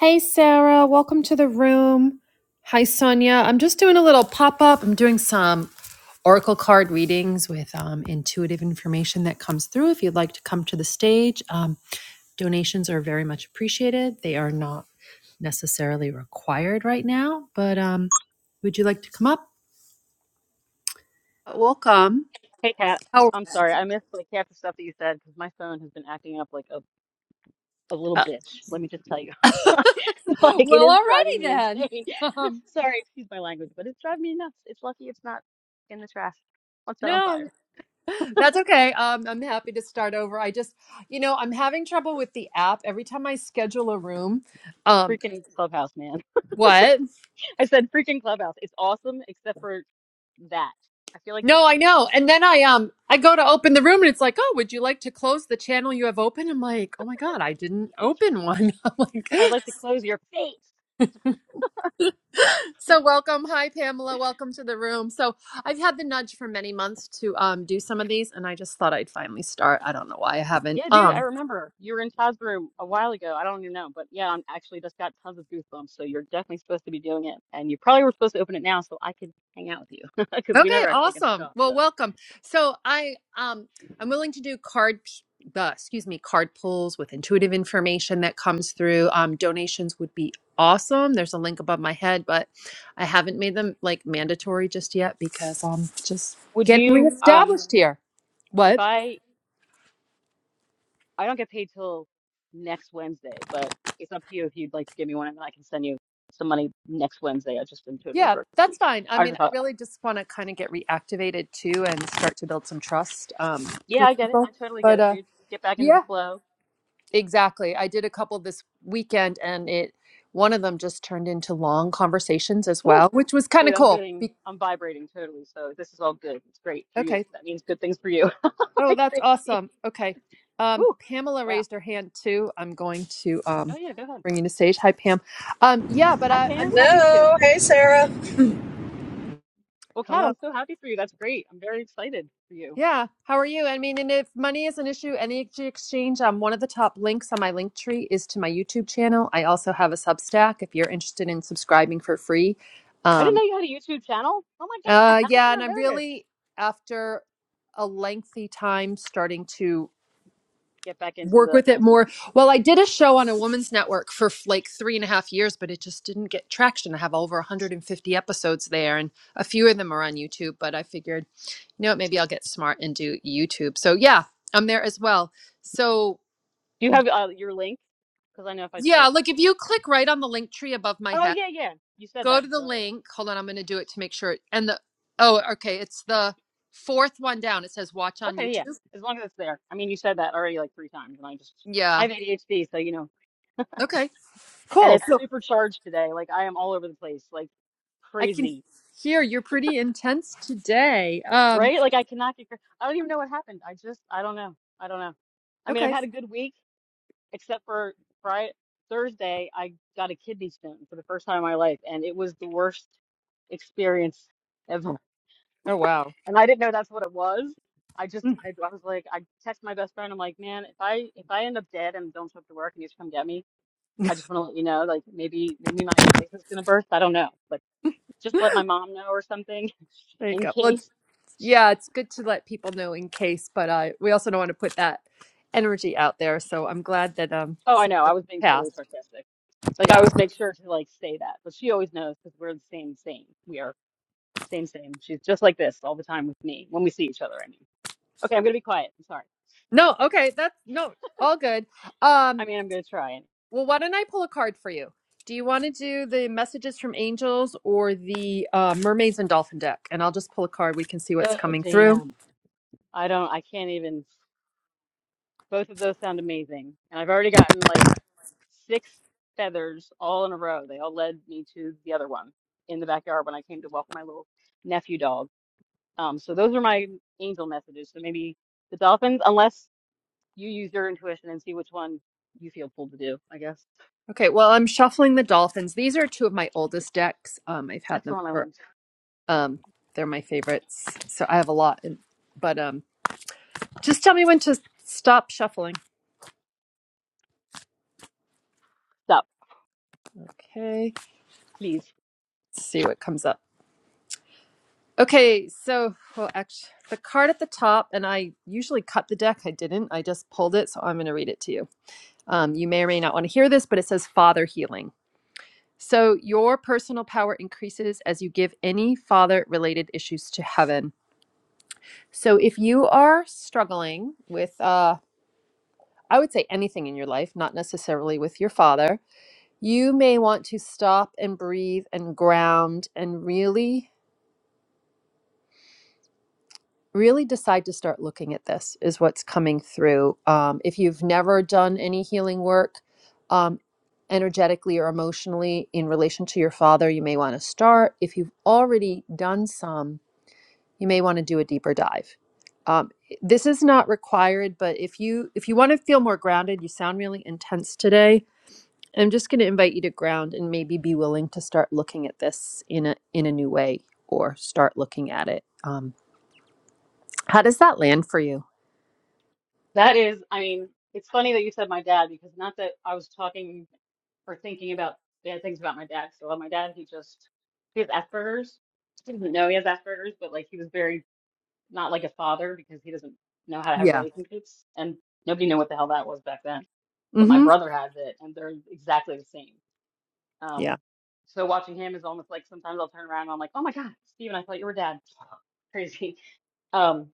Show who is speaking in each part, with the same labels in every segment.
Speaker 1: Hey, Sarah, welcome to the room. Hi, Sonia. I'm just doing a little pop up. I'm doing some oracle card readings with um, intuitive information that comes through. If you'd like to come to the stage, um, donations are very much appreciated. They are not necessarily required right now, but um, would you like to come up? Welcome.
Speaker 2: Hey, Kat.
Speaker 1: How?
Speaker 2: I'm sorry. I missed like half the stuff that you said because my phone has been acting up like a, a little
Speaker 1: Uh,
Speaker 2: bitch. Let me just tell you. Like it
Speaker 1: well,
Speaker 2: is driving
Speaker 1: alrighty
Speaker 2: me
Speaker 1: then.
Speaker 2: insane.
Speaker 1: Um,
Speaker 2: Sorry, excuse my language, but it's driving me nuts. It's lucky it's not in the trash. What's that on
Speaker 1: no.
Speaker 2: fire?
Speaker 1: That's okay. Um, I'm happy to start over. I just, you know, I'm having trouble with the app. Every time I schedule a room, um,
Speaker 2: Freaking Clubhouse, man.
Speaker 1: what?
Speaker 2: I said freaking Clubhouse. It's awesome except for that. I feel like it's
Speaker 1: No, I know. And then I um I go to open the room and it's like, oh, would you like to close the channel you have open? I'm like, oh my God, I didn't open one. I'm like,
Speaker 2: I'd like to close your face.
Speaker 1: so welcome. Hi, Pamela. Welcome to the room. So I've had the nudge for many months to um do some of these, and I just thought I'd finally start. I don't know why I haven't.
Speaker 2: Yeah, dude, I
Speaker 1: Um
Speaker 2: remember you were in Todd's room a while ago. I don't even know, but yeah, I'm actually just got tons of goosebumps. So you're definitely supposed to be doing it, and you probably were supposed to open it now so I could hang out with you because we
Speaker 1: Okay,
Speaker 2: never actually get to
Speaker 1: awesome.
Speaker 2: talk. So
Speaker 1: Well, welcome. So I um I'm willing to do card p- uh, excuse me, card pulls with intuitive information that comes through. Um donations would be awesome. There's a link above my head, but I haven't made them like mandatory just yet because I'm just
Speaker 2: would
Speaker 1: getting
Speaker 2: you, um,
Speaker 1: reestablished here.
Speaker 2: if
Speaker 1: What?
Speaker 2: I I don't get paid till next Wednesday, but it's up to you if you'd like to give me one, and then I can send you some money next Wednesday. I just been totally
Speaker 1: Yeah,
Speaker 2: broke this
Speaker 1: that's
Speaker 2: week.
Speaker 1: fine. I
Speaker 2: I
Speaker 1: mean,
Speaker 2: just
Speaker 1: I
Speaker 2: thought,
Speaker 1: really just want to kind of get reactivated too and start to build some trust um
Speaker 2: yeah, I
Speaker 1: with
Speaker 2: get it.
Speaker 1: people.
Speaker 2: I totally get
Speaker 1: But
Speaker 2: it,
Speaker 1: uh
Speaker 2: dude. Get back into the
Speaker 1: yeah,
Speaker 2: flow
Speaker 1: Exactly. I did a couple this weekend and it one of them just turned into long conversations as
Speaker 2: Whew.
Speaker 1: well, which was kind
Speaker 2: Dude,
Speaker 1: of
Speaker 2: I'm
Speaker 1: cool.
Speaker 2: getting,
Speaker 1: Be-
Speaker 2: I'm vibrating totally. So this is all good. It's great for you.
Speaker 1: okay.
Speaker 2: That means good things for you.
Speaker 1: Oh,
Speaker 2: Like
Speaker 1: that's
Speaker 2: crazy.
Speaker 1: awesome. Okay. Um
Speaker 2: Whew.
Speaker 1: Pamela
Speaker 2: Wow.
Speaker 1: raised her hand too. I'm going to
Speaker 2: Oh
Speaker 1: um
Speaker 2: yeah, go ahead.
Speaker 1: bring you to stage. Hi Pam. Um yeah, but
Speaker 2: Hi,
Speaker 1: I I'm
Speaker 2: Pam.
Speaker 1: happy to.
Speaker 3: No, hey Sarah.
Speaker 2: Well, Kat,
Speaker 1: Hello.
Speaker 2: I'm so happy for you. That's great. I'm very excited for you.
Speaker 1: Yeah. How are you? I mean, and if money is an issue, energy exchange, um one of the top links on my link tree is to my YouTube channel. I also have a Substack if you're interested in subscribing for free.
Speaker 2: I didn't
Speaker 1: Um,
Speaker 2: know you had a YouTube channel. Oh my God.
Speaker 1: Uh,
Speaker 2: How did
Speaker 1: yeah,
Speaker 2: I
Speaker 1: and
Speaker 2: not
Speaker 1: I'm
Speaker 2: know this?
Speaker 1: really after a lengthy time starting to
Speaker 2: Get back into
Speaker 1: work
Speaker 2: the
Speaker 1: with it more.
Speaker 2: awesomeness.
Speaker 1: Well, I did a show on a woman's network for f- like three and a half years, but it just didn't get traction. I have over 150 episodes there, and a few of them are on YouTube. But I figured, you know, what, maybe I'll get smart and do YouTube. So yeah, I'm there as well. So
Speaker 2: Do you have uh, your link? Because I know if I try
Speaker 1: yeah,
Speaker 2: to
Speaker 1: look,
Speaker 2: find
Speaker 1: if
Speaker 2: it. it-
Speaker 1: you click right on the link tree above my
Speaker 2: Oh
Speaker 1: head,
Speaker 2: yeah, yeah. You said
Speaker 1: go
Speaker 2: that.
Speaker 1: to the
Speaker 2: Duh.
Speaker 1: link. Hold on, I'm going to do it to make sure. And the oh, okay, it's the fourth one down. It says watch on
Speaker 2: Okay, yeah.
Speaker 1: YouTube.
Speaker 2: As long as it's there. I mean, you said that already like three times, and I just, I
Speaker 1: Yeah.
Speaker 2: have ADHD, so you know.
Speaker 1: Okay.
Speaker 2: and
Speaker 1: Cool.
Speaker 2: it's
Speaker 1: So
Speaker 2: supercharged today. Like I am all over the place, like
Speaker 1: I can
Speaker 2: crazy,
Speaker 1: hear you're pretty intense today. Um,
Speaker 2: right? Like I cannot get. cra- I don't even know what happened. I just, I don't know. I don't know. I mean, I've
Speaker 1: okay.
Speaker 2: had a good week, except for Friday, Thursday. I got a kidney stone for the first time in my life, and it was the worst experience ever.
Speaker 1: Oh wow.
Speaker 2: And I didn't know that's what it was. I just,
Speaker 1: Mm,
Speaker 2: I, I was like, I text my best friend. I'm like, man, if I if I end up dead and don't show up to work, and you just come get me. I just want to let you know, like maybe maybe my appendix is gonna burst. I don't know, like. just let my mom know or something
Speaker 1: There you
Speaker 2: in
Speaker 1: go. Well, it's-
Speaker 2: case.
Speaker 1: yeah, it's good to let people know in case, but uh, we also don't want to put that energy out there. So I'm glad that um
Speaker 2: Oh, I
Speaker 1: some
Speaker 2: know. I was being totally
Speaker 1: passed.
Speaker 2: sarcastic. Like I
Speaker 1: Yeah.
Speaker 2: always make sure to like say that, but she always knows because we're the same, same. We are same, same. She's just like this all the time with me when we see each other. I mean, okay, I'm gonna be quiet. I'm sorry.
Speaker 1: No. Okay. That's no. All good.
Speaker 2: I
Speaker 1: Um.
Speaker 2: mean, I'm gonna try. And
Speaker 1: Well, why don't I pull a card for you? Do you want to do the messages from angels or the uh, mermaids and dolphin deck? And I'll just pull a card. We can see what's
Speaker 2: oh,
Speaker 1: coming through.
Speaker 2: damn, I don't. I can't even. Both of those sound amazing, and I've already gotten like six feathers all in a row. They all led me to the other one in the backyard when I came to walk my little nephew dog Um, so those are my angel messages. So maybe the dolphins, unless you use your intuition and see which one you feel pulled to do, I guess.
Speaker 1: Okay, well, I'm shuffling the dolphins. These are two of my oldest decks. Um, I've had
Speaker 2: That's the
Speaker 1: them
Speaker 2: one I
Speaker 1: for
Speaker 2: want.
Speaker 1: um, they're my favorites. So I have a lot, in, but um, just tell me when to stop shuffling.
Speaker 2: Stop,
Speaker 1: Okay,
Speaker 2: please.
Speaker 1: let's see what comes up. Okay, so well, actually, the card at the top, and I usually cut the deck. I didn't. I just pulled it, so I'm going to read it to you. Um, you may or may not want to hear this, but it says Father Healing. So your personal power increases as you give any father-related issues to heaven. So if you are struggling with, uh, I would say anything in your life, not necessarily with your father, you may want to stop and breathe and ground and really, really decide to start looking at this, is what's coming through. Um, if you've never done any healing work, um, energetically or emotionally in relation to your father, you may want to start. If you've already done some, you may want to do a deeper dive. Um, this is not required, but if you if you want to feel more grounded, you sound really intense today. I'm just going to invite you to ground and maybe be willing to start looking at this in a in a new way or start looking at it. Um, how does that land for you?
Speaker 2: That is, I mean, it's funny that you said my dad because not that I was talking or thinking about bad things about my dad. So uh, my dad, he just, he has Asperger's. He doesn't know he has Asperger's, but like he was very not like a father because he doesn't know how to have
Speaker 1: Yeah.
Speaker 2: relationships. And nobody knew what the hell that was back then but my
Speaker 1: Mm-hmm.
Speaker 2: brother has it and they're exactly the same
Speaker 1: Yeah.
Speaker 2: Um, so watching him is almost like sometimes I'll turn around and I'm like, oh my God, Steven, I thought you were dad. Crazy. Um,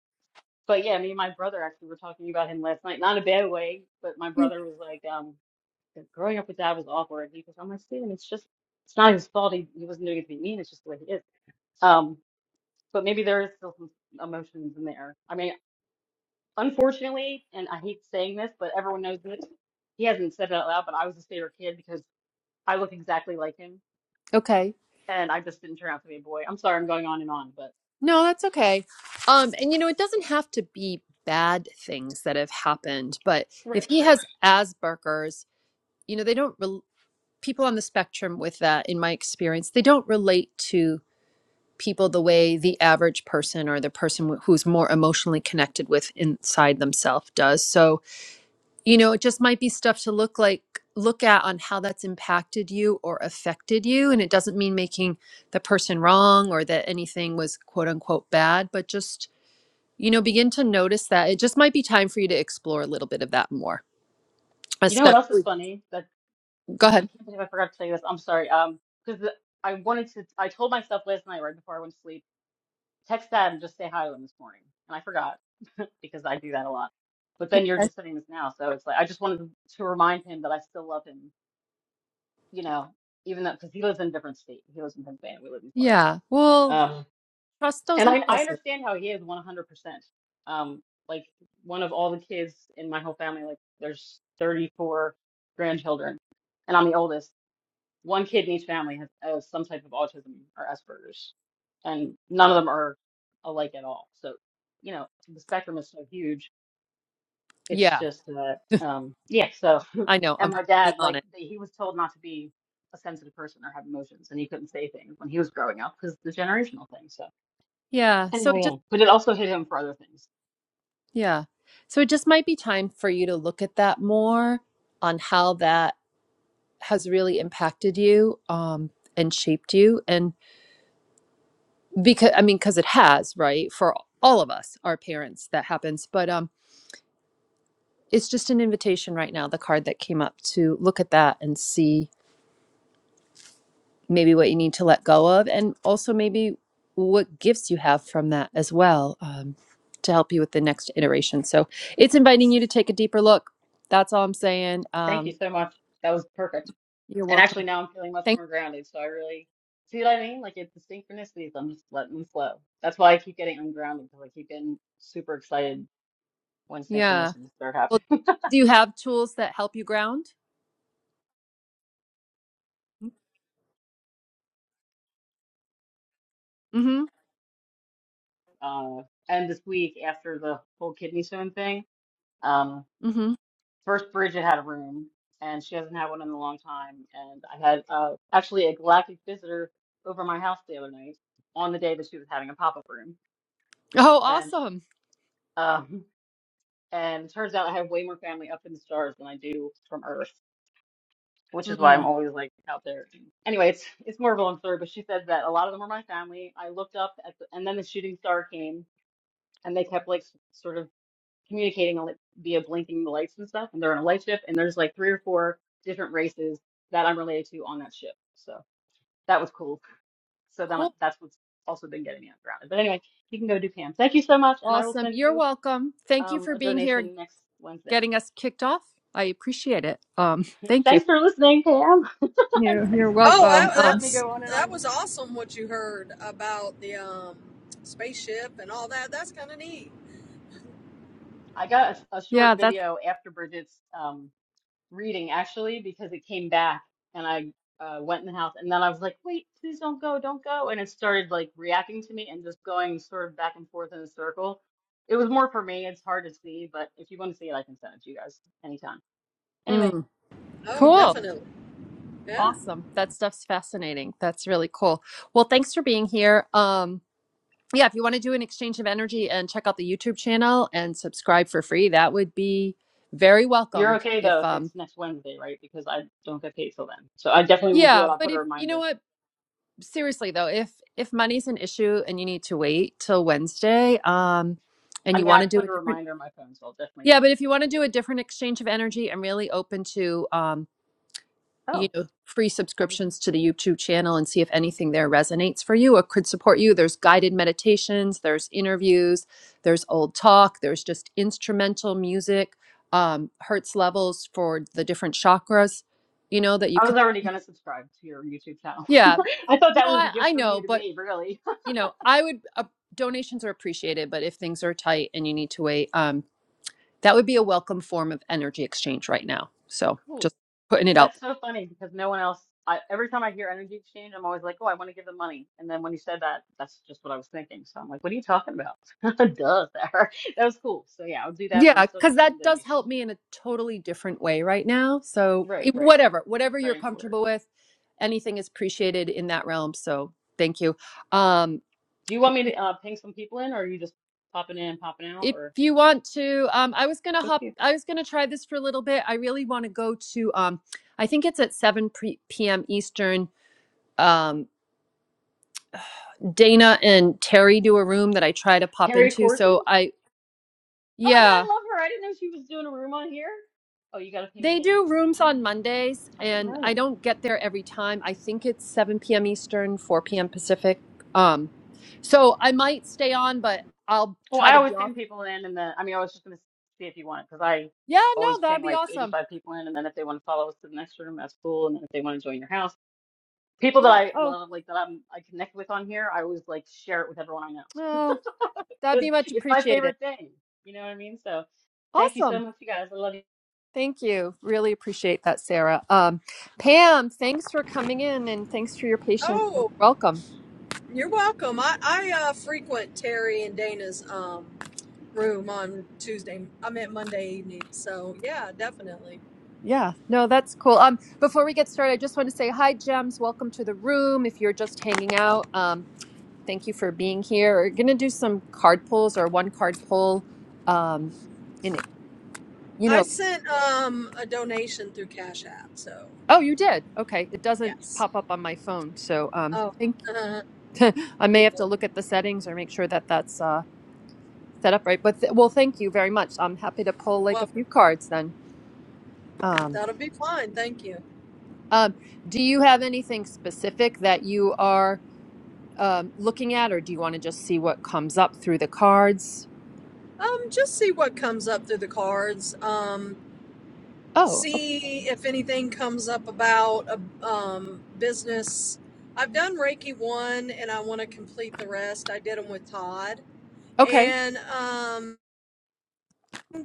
Speaker 2: but yeah, me and my brother actually were talking about him last night, not in a bad way, but my
Speaker 1: Yeah.
Speaker 2: brother was like, um, growing up with dad was awkward. He goes, I'm like, Steven, it's just, it's not his fault. He, he wasn't doing it to be mean. It's just the way he is. Um, but maybe there is still some emotions in there. I mean, unfortunately, and I hate saying this, but everyone knows this. He hasn't said it out loud, but I was his favorite kid because I look exactly like him
Speaker 1: Okay.
Speaker 2: and I just didn't turn out to be a boy. I'm sorry, I'm going on and on, but
Speaker 1: No, that's okay. Um, and you know, it doesn't have to be bad things that have happened, but if
Speaker 2: right,
Speaker 1: he
Speaker 2: right.
Speaker 1: has Asperger's, you know, they don't. re- people on the spectrum with that in my experience they don't relate to people the way the average person or the person who's more emotionally connected with inside themselves does so you know it just might be stuff to look like look at on how that's impacted you or affected you and it doesn't mean making the person wrong or that anything was quote unquote bad but just you know begin to notice that it just might be time for you to explore a little bit of that more
Speaker 2: You know what else is
Speaker 1: especially
Speaker 2: funny? That
Speaker 1: go
Speaker 2: it, I
Speaker 1: ahead
Speaker 2: can't believe I forgot to tell you this. I'm sorry. Um, because I wanted to. I told myself last night, right before I went to sleep, text Dad and just say hi to him this morning, and I forgot because I do that a lot. But then you're
Speaker 1: Okay.
Speaker 2: just saying this now, so it's like I just wanted to remind him that I still love him. You know, even though because he lives in a different state. He lives in Pennsylvania. We live in
Speaker 1: yeah
Speaker 2: Florida.
Speaker 1: well
Speaker 2: Um.
Speaker 1: trust those
Speaker 2: And I, I
Speaker 1: impulses
Speaker 2: understand how he is 100%. Um, like one of all the kids in my whole family, like there's 34 grandchildren, and I'm the oldest. One kid in each family has, has some type of autism or Asperger's, and none of them are alike at all. So, you know, the spectrum is so huge. It's
Speaker 1: Yeah,
Speaker 2: just that, um, yeah. So,
Speaker 1: I know.
Speaker 2: and
Speaker 1: I'm
Speaker 2: my
Speaker 1: probably
Speaker 2: dad,
Speaker 1: on
Speaker 2: like,
Speaker 1: it.
Speaker 2: he was told not to be a sensitive person or have emotions, and he couldn't say things when he was growing up because the generational thing. So.
Speaker 1: Yeah. So
Speaker 2: Anyway,
Speaker 1: it just,
Speaker 2: yeah. But it also hit him for other things.
Speaker 1: yeah. So it just might be time for you to look at that more on how that has really impacted you um, and shaped you. And because, I mean, because it has, right? For all of us, our parents, that happens. But um, it's just an invitation right now, the card that came up to look at that and see. maybe what you need to let go of, and also maybe what gifts you have from that as well um, to help you with the next iteration. So it's inviting you to take a deeper look. That's all I'm saying.
Speaker 2: Thank you
Speaker 1: Um,
Speaker 2: so much. That was perfect.
Speaker 1: You're
Speaker 2: And actually,
Speaker 1: welcome.
Speaker 2: now I'm feeling much
Speaker 1: Thank.
Speaker 2: more grounded. So I really see what I mean. Like it's the synchronicities. I'm just letting them flow. That's why I keep getting ungrounded because I keep getting super excited when
Speaker 1: Yeah.
Speaker 2: synchronicities start
Speaker 1: Well,
Speaker 2: happening.
Speaker 1: do you have tools that help you ground? Mm-hmm.
Speaker 2: Uh, and this week after the whole kidney stone thing, um,
Speaker 1: Mm-hmm.
Speaker 2: first Bridget had a room, and she hasn't had one in a long time. And I had uh, actually a galactic visitor over my house the other night on the day that she was having a pop up room,
Speaker 1: Oh,
Speaker 2: and.
Speaker 1: awesome.
Speaker 2: Um, And turns out I have way more family up in the stars than I do from Earth, which is why I'm
Speaker 1: Mm,
Speaker 2: always like out there. Anyway, it's it's more of a long story, but she said that a lot of them are my family. I looked up at the, and then the shooting star came, and they kept like s- sort of communicating on, like, via blinking the lights and stuff. And they're on a light ship, and there's like three or four different races that I'm related to on that ship. So that was cool. So then
Speaker 1: cool.
Speaker 2: that's what's also been getting me grounded. But anyway, you can go do Pam. Thank you so much, and I will
Speaker 1: Awesome.
Speaker 2: send
Speaker 1: You're
Speaker 2: you
Speaker 1: welcome. Thank you
Speaker 2: um,
Speaker 1: for
Speaker 2: a
Speaker 1: being here,
Speaker 2: donation next Wednesday.
Speaker 1: getting us kicked off. I appreciate it. Um, thank you.
Speaker 2: Thanks for listening, Pam.
Speaker 1: You're,
Speaker 2: thanks,
Speaker 1: you're
Speaker 3: Oh,
Speaker 1: welcome.
Speaker 2: thanks
Speaker 3: that,
Speaker 2: for letting
Speaker 1: Um,
Speaker 2: me
Speaker 3: that's
Speaker 2: go on and
Speaker 3: that
Speaker 2: on.
Speaker 3: was awesome what you heard about the um, spaceship and all that. That's kind of neat.
Speaker 2: I got a, a
Speaker 1: yeah,
Speaker 2: short
Speaker 1: that's
Speaker 2: video after Bridget's um, reading, actually, because it came back and I uh, went in the house. And then I was like, wait, please don't go, don't go. And it started like reacting to me and just going sort of back and forth in a circle. It was more for me. It's hard to see, but if you want to see it, I can send it to you guys anytime. Anyway,
Speaker 1: mm,
Speaker 3: Oh,
Speaker 1: cool.
Speaker 3: definitely. Yeah.
Speaker 1: Awesome. That stuff's fascinating. That's really cool. Well, thanks for being here. Um, yeah, if you want to do an exchange of energy and check out the YouTube channel and subscribe for free, that would be very
Speaker 2: you're
Speaker 1: welcomed.
Speaker 2: okay though
Speaker 1: If
Speaker 2: if it's
Speaker 1: um
Speaker 2: next Wednesday, right? Because I don't get paid till then. So I definitely will do it.
Speaker 1: yeah,
Speaker 2: I'll
Speaker 1: but
Speaker 2: put a
Speaker 1: if you know
Speaker 2: reminder.
Speaker 1: what, seriously though, if if money's an issue and you need to wait till Wednesday, um
Speaker 2: I
Speaker 1: and you
Speaker 2: mean,
Speaker 1: want
Speaker 2: I
Speaker 1: to do
Speaker 2: put
Speaker 1: a
Speaker 2: a
Speaker 1: different
Speaker 2: reminder on my phone, so I'll definitely
Speaker 1: yeah, but if you want to do a different exchange of energy, I'm really open to um you
Speaker 2: Oh,
Speaker 1: know free
Speaker 2: I was
Speaker 1: subscriptions to the YouTube channel and see if anything there resonates for you or could support you. There's guided meditations, there's interviews, there's old talk, there's just instrumental music, um, hertz levels for the different chakras, you know that you
Speaker 2: I was
Speaker 1: can.
Speaker 2: already gonna subscribe to your YouTube channel.
Speaker 1: Yeah,
Speaker 2: I thought
Speaker 1: no,
Speaker 2: that was a
Speaker 1: I,
Speaker 2: gift
Speaker 1: I
Speaker 2: from you
Speaker 1: know,
Speaker 2: to
Speaker 1: but
Speaker 2: me, really.
Speaker 1: you know, I would uh, donations are appreciated, but if things are tight and you need to wait, um, that would be a welcome form of energy exchange right now. So
Speaker 2: Cool.
Speaker 1: just putting it out. there.
Speaker 2: That's so funny because no one else, I, every time I hear energy exchange, I'm always like, oh, I want to give them money. And then when you said that, that's just what I was thinking. So I'm like, what are you talking about? Duh, Sarah. That was cool. So yeah, I'll do that, but I'm
Speaker 1: Yeah,
Speaker 2: still
Speaker 1: because
Speaker 2: gonna send
Speaker 1: that
Speaker 2: a
Speaker 1: does
Speaker 2: donation.
Speaker 1: help me in a totally different way right now. So,
Speaker 2: Right,
Speaker 1: it-
Speaker 2: right.
Speaker 1: whatever, whatever you're
Speaker 2: Spreading the word.
Speaker 1: comfortable with, anything is appreciated in that realm. So, thank you. Um,
Speaker 2: Do you want me to uh, ping some people in, or are you just popping in, popping out,
Speaker 1: if
Speaker 2: or
Speaker 1: you want to, um, I was gonna
Speaker 2: just
Speaker 1: hop.
Speaker 2: you?
Speaker 1: I was gonna try this for a little bit. I really want to go to. Um, I think it's at seven pre- p.m. Eastern. Um, Dana and Terry do a room that I try to pop
Speaker 2: Terry
Speaker 1: into.
Speaker 2: Corson?
Speaker 1: So I,
Speaker 2: Oh my
Speaker 1: yeah.
Speaker 2: God, I love her. I didn't know she was doing a room on here. Oh, you got to ping
Speaker 1: They
Speaker 2: me in.
Speaker 1: do rooms on Mondays,
Speaker 2: I didn't
Speaker 1: and
Speaker 2: know
Speaker 1: I
Speaker 2: that.
Speaker 1: don't get there every time. I think it's 7 p.m. Eastern, 4 p.m. Pacific. Um, so I might stay on, but I'll
Speaker 2: Well,
Speaker 1: try
Speaker 2: I
Speaker 1: to
Speaker 2: always
Speaker 1: be off.
Speaker 2: ping people in, and then I mean, I was just gonna see if you want because I
Speaker 1: Yeah,
Speaker 2: always
Speaker 1: no,
Speaker 2: ping
Speaker 1: that'd be
Speaker 2: like
Speaker 1: awesome.
Speaker 2: 85 people in, and then if they want to follow us to the next room, that's cool. And then if they want to join your house, people that
Speaker 1: Yeah.
Speaker 2: I
Speaker 1: Oh,
Speaker 2: love, like that I'm I connect with on here, I always like share it with everyone I know
Speaker 1: oh, that'd
Speaker 2: because
Speaker 1: be much
Speaker 2: it's my
Speaker 1: appreciated.
Speaker 2: favorite thing. You know what I mean? So thank you so
Speaker 1: Awesome.
Speaker 2: much, you guys. I love you.
Speaker 1: Thank you. Really appreciate that, Sarah. Um, Pam, thanks for coming in and thanks for your patience and
Speaker 3: Oh,
Speaker 1: welcome.
Speaker 3: you're welcome. I I uh, frequent Terry and Dana's um, room on Tuesday. I meant Monday evening. So yeah, definitely.
Speaker 1: Yeah, no, that's cool. Um, before we get started, I just want to say hi, Gems. Welcome to the room. If you're just hanging out, um, Thank you for being here. We're gonna do some card pulls or one card pull. Um, and you
Speaker 3: I
Speaker 1: know,
Speaker 3: sent um, a donation through Cash App. So
Speaker 1: oh, you did. Okay, it doesn't
Speaker 3: yes.
Speaker 1: pop up on my phone, so um,
Speaker 3: Oh,
Speaker 1: think
Speaker 3: uh,
Speaker 1: I may
Speaker 3: you're,
Speaker 1: have to look at the settings or make sure that that's uh set up right. But th- well, thank you very much. I'm happy to pull
Speaker 3: you're
Speaker 1: like a few
Speaker 3: welcome.
Speaker 1: cards then. Um,
Speaker 3: That'll be fine. Thank you.
Speaker 1: um, do you have anything specific that you are um looking at, or do you want to just see what comes up through the cards?
Speaker 3: Um, just see what comes up through the cards. Um,
Speaker 1: Oh, o-
Speaker 3: see if anything comes up about a um, business. I've done Reiki one, and I want to complete the rest. I did them with Todd,
Speaker 1: okay.
Speaker 3: and um,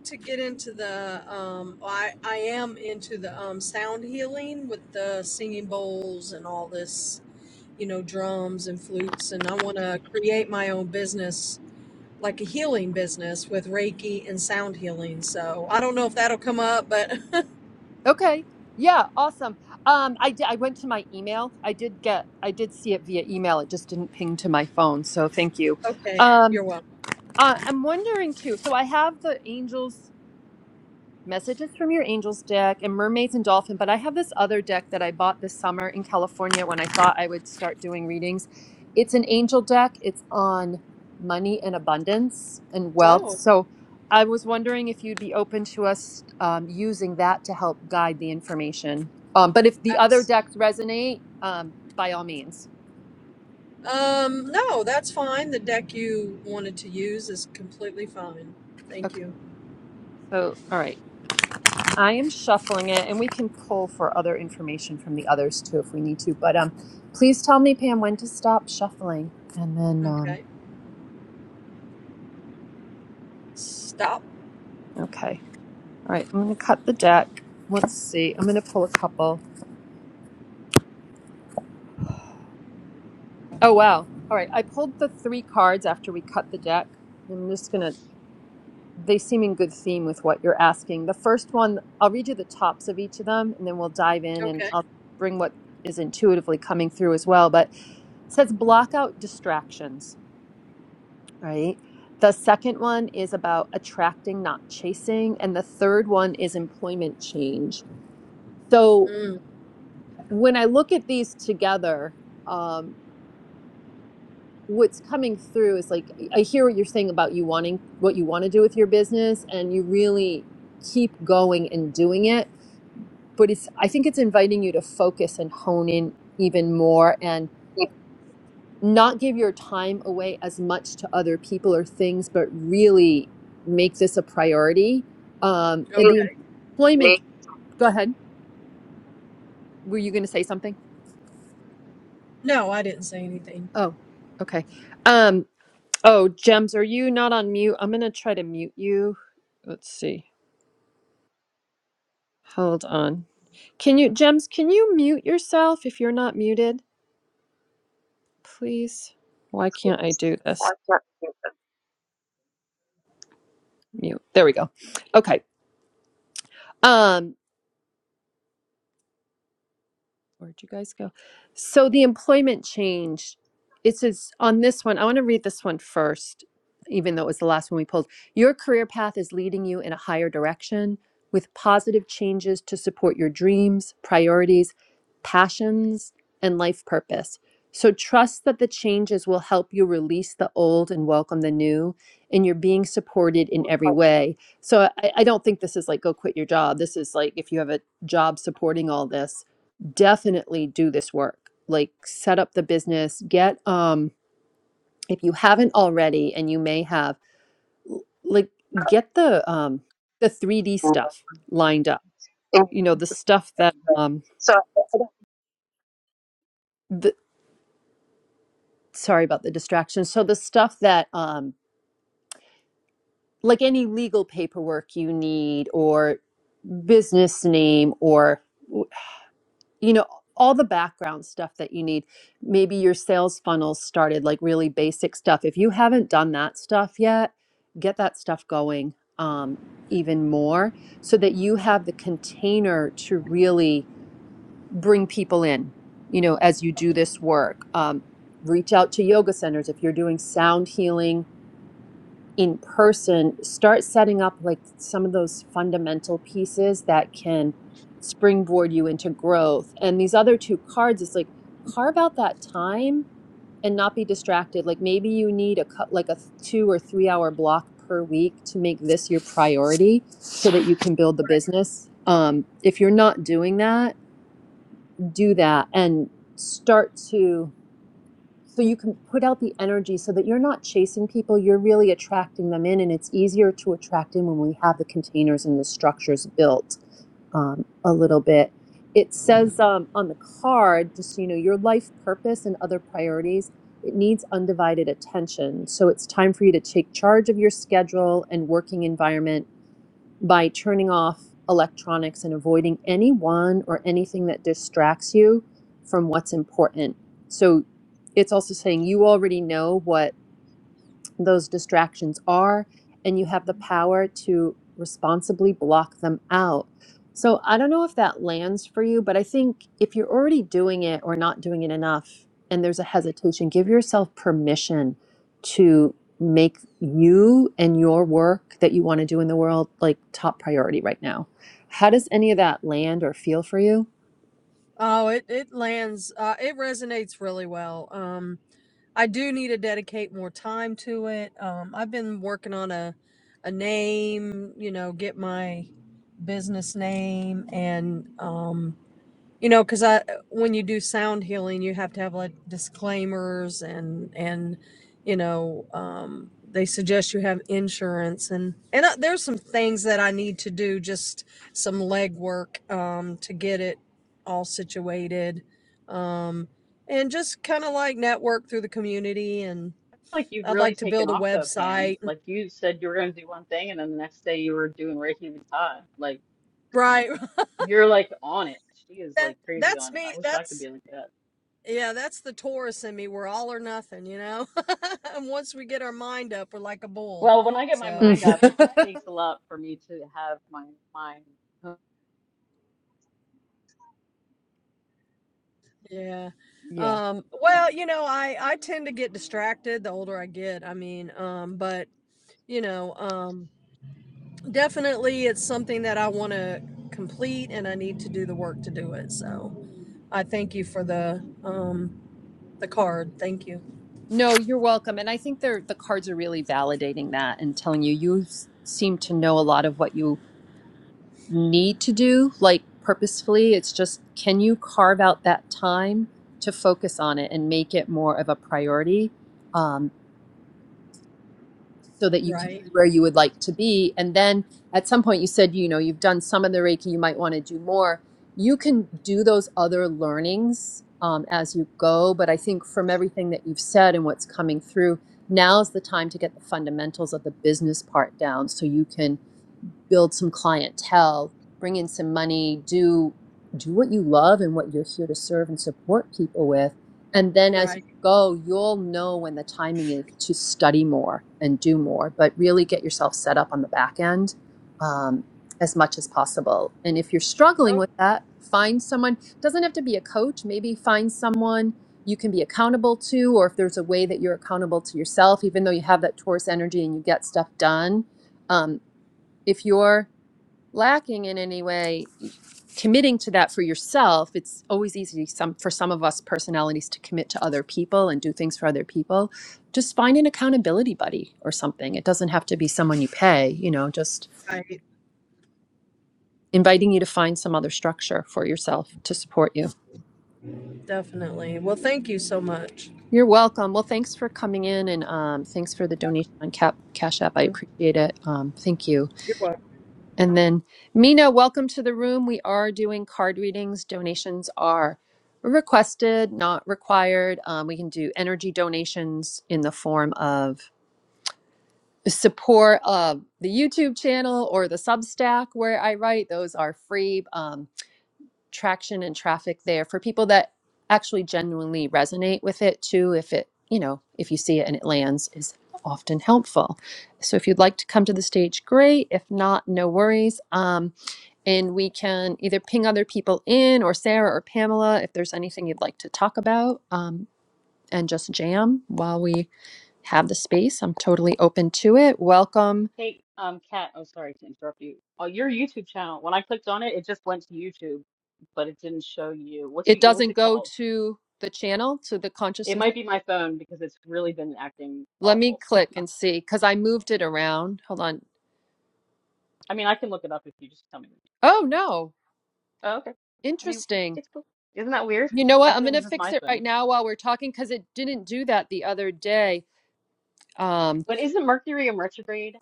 Speaker 3: to get into the, um, I I am into the um, sound healing with the singing bowls and all this, you know, drums and flutes, and I want to create my own business like a healing business with Reiki and sound healing. So I don't know if that'll come up, but
Speaker 1: Okay. Yeah, awesome. Um, I did, I went to my email. I did get I did see it via email. It just didn't ping to my phone. So thank you.
Speaker 3: okay,
Speaker 1: Um,
Speaker 3: you're welcome.
Speaker 1: uh, I'm wondering too. So I have the angels. Messages from Your Angels deck and Mermaids and Dolphin, but I have this other deck that I bought this summer in California when I thought I would start doing readings. It's an angel deck. It's on money and abundance and wealth.
Speaker 3: Oh,
Speaker 1: So I was wondering if you'd be open to us um, using that to help guide the information. Um, but if the other
Speaker 3: that's,
Speaker 1: decks resonate, um, by all means.
Speaker 3: um, no, that's fine. The deck you wanted to use is completely fine. Thank
Speaker 1: Okay.
Speaker 3: you.
Speaker 1: So, all right. I am shuffling it, and we can pull for other information from the others too if we need to. But um, please tell me, Pam, when to stop shuffling, and then um,
Speaker 3: Okay, stop.
Speaker 1: okay, all right. I'm going to cut the deck. Let's see. I'm going to pull a couple. Oh wow! All right, I pulled the three cards after we cut the deck. I'm just going to. They seem in good theme with what you're asking. The first one, I'll read you the tops of each of them, and then we'll dive in, and
Speaker 3: Okay.
Speaker 1: I'll bring what is intuitively coming through as well. But it says block out distractions. right? The second one is about attracting, not chasing. And the third one is employment change. So
Speaker 3: Mm,
Speaker 1: when I look at these together, um, what's coming through is like, I hear what you're saying about you wanting what you want to do with your business and you really keep going and doing it. But it's, I think it's inviting you to focus and hone in even more. and.
Speaker 4: it
Speaker 1: not give your time away as much to other people or things, but really make this a priority. Um, and
Speaker 4: really
Speaker 3: okay.
Speaker 1: the employment,
Speaker 4: makes
Speaker 1: go ahead. Were you going to say something?
Speaker 3: No, I didn't say anything.
Speaker 1: Oh, okay. Um, oh, Gems, are you not on mute? I'm going to try to mute you. Let's see. Hold on. Can you, Gems, can you mute yourself if you're not muted, please? Why can't I do this?
Speaker 4: such a difference
Speaker 1: Mute. There we go. Okay. Um, Where'd you guys go? So the employment change, it says on this one, I want to read this one first, even though it was the last one we pulled. Your career path is leading you in a higher direction with positive changes to support your dreams, priorities, passions, and life purpose. So trust that the changes will help you release the old and welcome the new, and you're being supported in every way. So I, I don't think this is like go quit your job. This is like if you have a job supporting all this definitely do this work like set up the business get um if you haven't already and you may have like get the um the 3d
Speaker 4: in
Speaker 1: stuff lined up
Speaker 4: the
Speaker 1: you know
Speaker 4: things
Speaker 1: the
Speaker 4: that we
Speaker 1: stuff
Speaker 4: have
Speaker 1: that
Speaker 4: learned.
Speaker 1: um
Speaker 4: So I I
Speaker 1: the sorry about the distraction so the stuff that um like any legal paperwork you need or business name or you know all the background stuff that you need maybe your sales funnels started like really basic stuff if you haven't done that stuff yet get that stuff going um, even more so that you have the container to really bring people in you know as you do this work um, reach out to yoga centers if you're doing sound healing in person, start setting up like some of those fundamental pieces that can springboard you into growth. And these other two cards, it's like carve out that time and not be distracted. Like maybe you need a cut, like a th- two or three hour block per week to make this your priority so that you can build the business. Um, if you're not doing that, do that and start to so you can put out the energy so that you're not chasing people you're really attracting them in and it's easier to attract in when we have the containers and the structures built um, a little bit it says um, on the card just so you know your life purpose and other priorities it needs undivided attention so it's time for you to take charge of your schedule and working environment by turning off electronics and avoiding anyone or anything that distracts you from what's important. So it's also saying you already know what those distractions are, and you have the power to responsibly block them out. So I don't know if that lands for you, but I think if you're already doing it or not doing it enough and there's a hesitation, give yourself permission to make you and your work that you want to do in the world like top priority right now. How does any of that land or feel for you?
Speaker 3: Oh, it it lands. Uh, it resonates really well. Um, I do need to dedicate more time to it. Um, I've been working on a a name, you know, get my business name and um, you know, because I when you do sound healing, you have to have like disclaimers and and you know um, they suggest you have insurance and and I, there's some things that I need to do, just some legwork um, to get it all situated, um, and just kind of like network through the community. And
Speaker 2: like you've
Speaker 3: I'd
Speaker 2: really
Speaker 3: like to
Speaker 2: taken
Speaker 3: build a
Speaker 2: off though, Pam.
Speaker 3: website.
Speaker 2: Like you said you were gonna do one thing and then the next day you were doing Reiki with Todd. Like
Speaker 3: Right,
Speaker 2: you're like on it. She is like crazy
Speaker 3: that's
Speaker 2: on it.
Speaker 3: me.
Speaker 2: I wish I could
Speaker 3: That's
Speaker 2: be like that.
Speaker 3: Yeah, that's the Taurus in me. We're all or nothing, you know? and once we get our mind up, we're like a bull.
Speaker 2: Well, when I get my
Speaker 3: So,
Speaker 1: Mm.
Speaker 2: mind up, it just takes a lot for me to have my mind.
Speaker 3: yeah.
Speaker 1: yeah.
Speaker 3: Um, well, you know, I, I tend to get distracted the older I get. I mean, um, but, you know, um, definitely it's something that I want to complete and I need to do the work to do it. So I thank you for the, um, the card. Thank you.
Speaker 1: No, you're welcome. And I think they're, the cards are really validating that and telling you you s- seem to know a lot of what you need to do, like purposefully. It's just can you carve out that time to focus on it and make it more of a priority um, so that you can
Speaker 3: Right.
Speaker 1: be where you would like to be? And then at some point, you said, you know, you've done some of the Reiki, you might want to do more. You can do those other learnings um, as you go. But I think from everything that you've said and what's coming through, now's the time to get the fundamentals of the business part down so you can build some clientele, bring in some money, do do what you love and what you're here to serve and support people with. And then as you
Speaker 3: Right.
Speaker 1: go, you'll know when the timing is to study more and do more, but really get yourself set up on the back end um, as much as possible. And if you're struggling
Speaker 3: Oh,
Speaker 1: with that, find someone. Doesn't have to be a coach. Maybe find someone you can be accountable to, or if there's a way that you're accountable to yourself, even though you have that Taurus energy and you get stuff done. Um, if you're lacking in any way committing to that for yourself it's always easy some for some of us personalities to commit to other people and do things for other people just find an accountability buddy or something it doesn't have to be someone you pay you know just
Speaker 3: right.
Speaker 1: inviting you to find some other structure for yourself to support you
Speaker 3: Definitely. Well, thank you so much.
Speaker 1: you're welcome well thanks for coming in and um, thanks for the donation on cap cash app i
Speaker 3: You're
Speaker 1: appreciate it um, thank you
Speaker 3: welcome.
Speaker 1: And then, Mina, welcome to the room. We are doing card readings. Donations are requested, not required. Um, we can do energy donations in the form of support of the YouTube channel or the Substack where I write. Those are free. Um, traction and traffic there for people that actually genuinely resonate with it too if it you know if you see it and it lands is often helpful so if you'd like to come to the stage great if not no worries um, and we can either ping other people in or sarah or pamela if there's anything you'd like to talk about um, and just jam while we have the space i'm totally open to it welcome
Speaker 2: Hey, um, Kat, oh sorry to interrupt you. Oh, your YouTube channel. When I clicked on it, it just went to YouTube, but it didn't show you. What's
Speaker 1: it
Speaker 2: it? What's
Speaker 1: doesn't
Speaker 2: it
Speaker 1: go
Speaker 2: called?
Speaker 1: to the channel to the
Speaker 2: It
Speaker 1: consciousness
Speaker 2: might be my phone because it's really been acting
Speaker 1: Let me
Speaker 2: awful.
Speaker 1: click and see because I moved it around. Hold on.
Speaker 2: I mean, I can look it up if you just tell me.
Speaker 1: Oh, no.
Speaker 2: Oh, okay. I mean,
Speaker 1: Interesting.
Speaker 2: it's cool. Isn't that weird?
Speaker 1: You know
Speaker 2: I
Speaker 1: what? I'm
Speaker 2: thought it
Speaker 1: going to
Speaker 2: was just
Speaker 1: fix
Speaker 2: my
Speaker 1: it
Speaker 2: phone.
Speaker 1: right now while we're talking because it didn't do that the other day. Um,
Speaker 2: But isn't Mercury in retrograde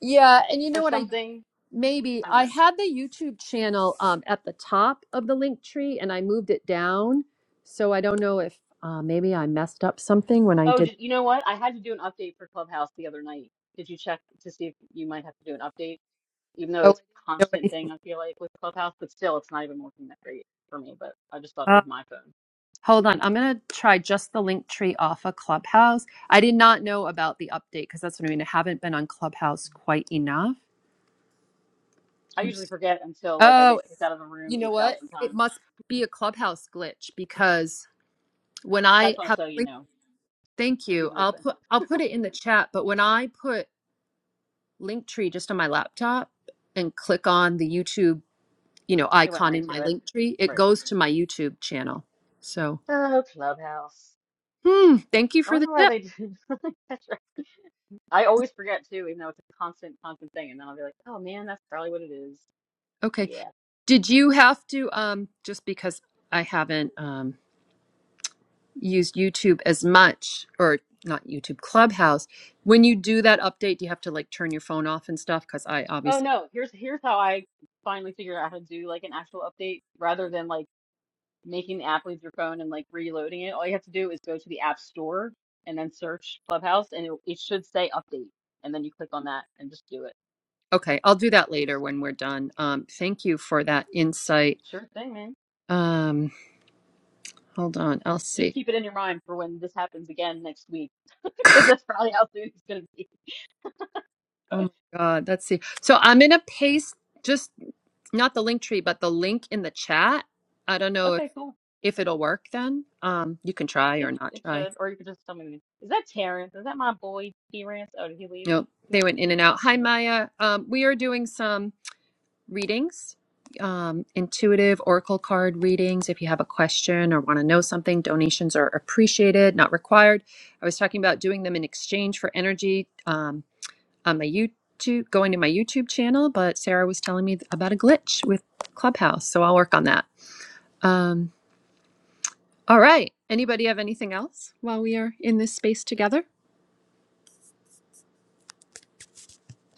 Speaker 1: yeah. And you
Speaker 2: or
Speaker 1: know what? I
Speaker 2: something?
Speaker 1: maybe
Speaker 2: I don't
Speaker 1: I
Speaker 2: know.
Speaker 1: had the YouTube channel um, at the top of the link tree and I moved it down. So I don't know if uh, maybe I messed up something when I
Speaker 2: Oh,
Speaker 1: did.
Speaker 2: did, you know what? I had to do an update for Clubhouse the other night. Did you check to see if you might have to do an update? Even though
Speaker 1: Oh,
Speaker 2: it's a
Speaker 1: I didn't know
Speaker 2: constant
Speaker 1: anything.
Speaker 2: thing, I feel like with Clubhouse, but still, it's not even working that great for me. But I just thought it was my phone.
Speaker 1: Hold on. I'm going to try just the link tree off of Clubhouse. I did not know about the update because that's what I mean. I haven't been on Clubhouse quite enough.
Speaker 2: I usually
Speaker 1: Let's-
Speaker 2: forget until like I get
Speaker 1: Oh,
Speaker 2: kicked out of a room
Speaker 1: you know what?
Speaker 2: 8,000
Speaker 1: It
Speaker 2: times.
Speaker 1: must be a Clubhouse glitch because when I
Speaker 2: That's
Speaker 1: have
Speaker 2: also, you
Speaker 1: link,
Speaker 2: know,
Speaker 1: thank
Speaker 2: the
Speaker 1: you.
Speaker 2: usual
Speaker 1: I'll
Speaker 2: thing.
Speaker 1: put I'll put it in the chat, but when I put Linktree just on my laptop and click on the YouTube, you know,
Speaker 2: It went
Speaker 1: icon
Speaker 2: right
Speaker 1: in my
Speaker 2: to it.
Speaker 1: Linktree, it
Speaker 2: Right.
Speaker 1: goes to my YouTube channel. So,
Speaker 2: Oh, Clubhouse.
Speaker 1: hmm, thank you
Speaker 2: I
Speaker 1: for the
Speaker 2: wonder why
Speaker 1: tip.
Speaker 2: they do. I always forget too, even though it's a constant, constant thing. And then I'll be like, oh man, that's probably what it is.
Speaker 1: Okay.
Speaker 2: Yeah.
Speaker 1: Did you have to um just because I haven't um used YouTube as much or not YouTube Clubhouse, when you do that update, do you have to like turn your phone off and stuff? Because I
Speaker 2: Oh
Speaker 1: obviously
Speaker 2: no, here's here's how I finally figured out how to do like an actual update rather than like making the app leave your phone and like reloading it. All you have to do is go to the app store and then search Clubhouse and it, it should say update. And then you click on that and just do it.
Speaker 1: okay, I'll do that later
Speaker 2: It's
Speaker 1: when we're done. Um thank you for that insight.
Speaker 2: sure thing, man.
Speaker 1: Um hold on, I'll
Speaker 2: Just
Speaker 1: see.
Speaker 2: keep it in your mind for when this happens again next week, because that's probably how soon it's gonna be.
Speaker 1: Oh my god, let's see. So I'm gonna paste just not the link tree, but the link in the chat. I don't know if,
Speaker 2: Okay, cool.
Speaker 1: if it'll work then. Um you can try
Speaker 2: It
Speaker 1: or not
Speaker 2: it
Speaker 1: try.
Speaker 2: should, or you could just tell me. Is that Terrence? Is that my boy Terrence? Oh, did he leave?
Speaker 1: Yep.
Speaker 2: He,
Speaker 1: They went in
Speaker 2: he
Speaker 1: and
Speaker 2: came
Speaker 1: out.
Speaker 2: in and
Speaker 1: Hi,
Speaker 2: he left.
Speaker 1: Maya. Um, we are doing some readings, um, intuitive oracle card readings. If you have a question or want to know something, donations are appreciated, not required. I was talking about doing them in exchange for energy um, on my YouTube, going to my YouTube channel, but Sarah was telling me about a glitch with Clubhouse, so I'll work on that. Um, all right. Anybody have anything else while we are in this space together?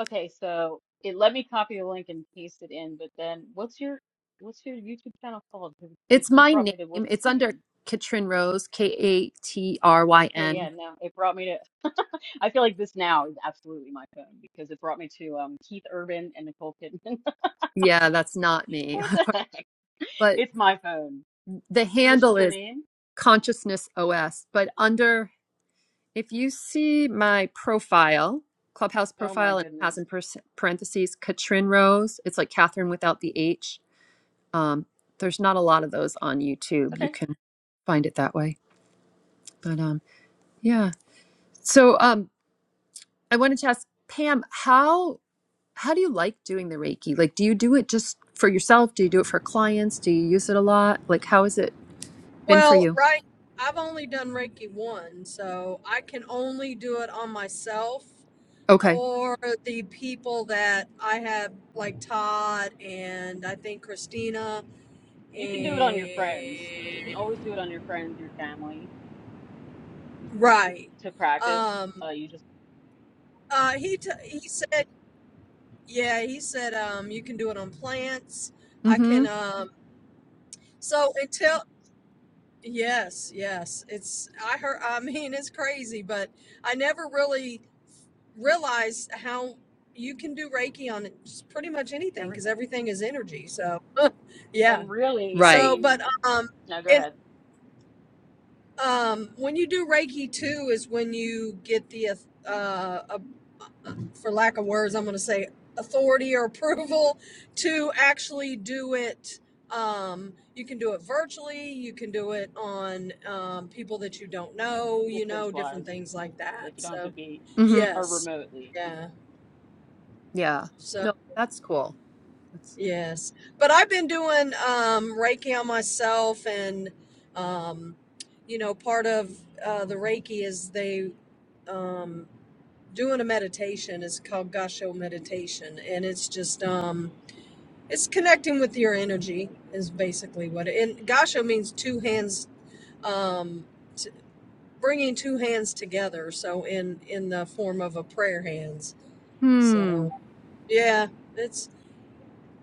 Speaker 2: Okay, so it let me copy the link and paste it in, but then what's your what's your YouTube channel called? 'Cause It
Speaker 1: It's
Speaker 2: just
Speaker 1: my
Speaker 2: brought
Speaker 1: name.
Speaker 2: me to what's his
Speaker 1: It's under
Speaker 2: name?
Speaker 1: Katrin Rose, K A T R Y
Speaker 2: Okay, yeah,
Speaker 1: N.
Speaker 2: no, it brought me to. I feel like this now is absolutely my phone because it brought me to um Keith Urban and Nicole Kidman.
Speaker 1: Yeah, that's not me.
Speaker 2: What the heck?
Speaker 1: But
Speaker 2: It's my phone.
Speaker 1: the
Speaker 2: So it's
Speaker 1: handle
Speaker 2: just your
Speaker 1: is
Speaker 2: name?
Speaker 1: Consciousness OS. But under, if you see my profile, Clubhouse
Speaker 2: Oh my
Speaker 1: profile, and it has
Speaker 2: goodness.
Speaker 1: in pers- parentheses Katrin Rose, it's like Catherine without the H. Um, there's not a lot of those on YouTube. You
Speaker 2: Okay.
Speaker 1: can find it that way. But um, yeah. So um, I wanted to ask Pam, how How do you like doing the Reiki? Like, do you do it just for yourself? Do you do it for clients? Do you use it a lot? Like, how has it been for
Speaker 3: Well,
Speaker 1: you?
Speaker 3: right, I've only done Reiki one, so I can only do it on myself
Speaker 1: Okay.
Speaker 3: or the people that I have, like Todd and I think Christina
Speaker 2: You can do it on your friends. You can
Speaker 3: and
Speaker 2: always do it on your friends, your family to,
Speaker 3: right.
Speaker 2: to practice.
Speaker 3: Um,
Speaker 2: Uh, you just
Speaker 3: uh, he t- he said, yeah, he said um, you can do it on plants. I
Speaker 1: Mm-hmm.
Speaker 3: can. Um, so until yes, yes, it's I heard. I mean, it's crazy, but I never really realize how you can do Reiki on just pretty much anything because
Speaker 2: everything.
Speaker 3: everything is energy. So, yeah.
Speaker 2: And really, I
Speaker 1: Right.
Speaker 3: So, but
Speaker 2: mean,
Speaker 3: um,
Speaker 2: now go
Speaker 3: and
Speaker 2: ahead.
Speaker 3: um, when you do Reiki too, is when you get the uh, uh for lack of words, I'm going to say authority or approval to actually do it. Um, you can do it virtually. You can do it on um, people that you don't know. You
Speaker 2: Distance
Speaker 3: know, different
Speaker 2: wise,
Speaker 3: things like
Speaker 2: like
Speaker 3: that.
Speaker 2: you don't have to
Speaker 3: So,
Speaker 2: be
Speaker 1: Mm-hmm.
Speaker 2: or
Speaker 3: yes,
Speaker 2: remotely.
Speaker 3: yeah.
Speaker 1: Yeah.
Speaker 3: So.
Speaker 1: No, that's cool. That's,
Speaker 3: Yes, but I've been doing um, Reiki on myself, and um, you know, part of uh, the Reiki is they um, doing a meditation. It's called Gasho meditation, and it's just um, it's connecting with your energy is basically what it. And Gasho means two hands, um, t- bringing two hands together. So in in the form of a prayer hands.
Speaker 1: hmm.
Speaker 3: So yeah,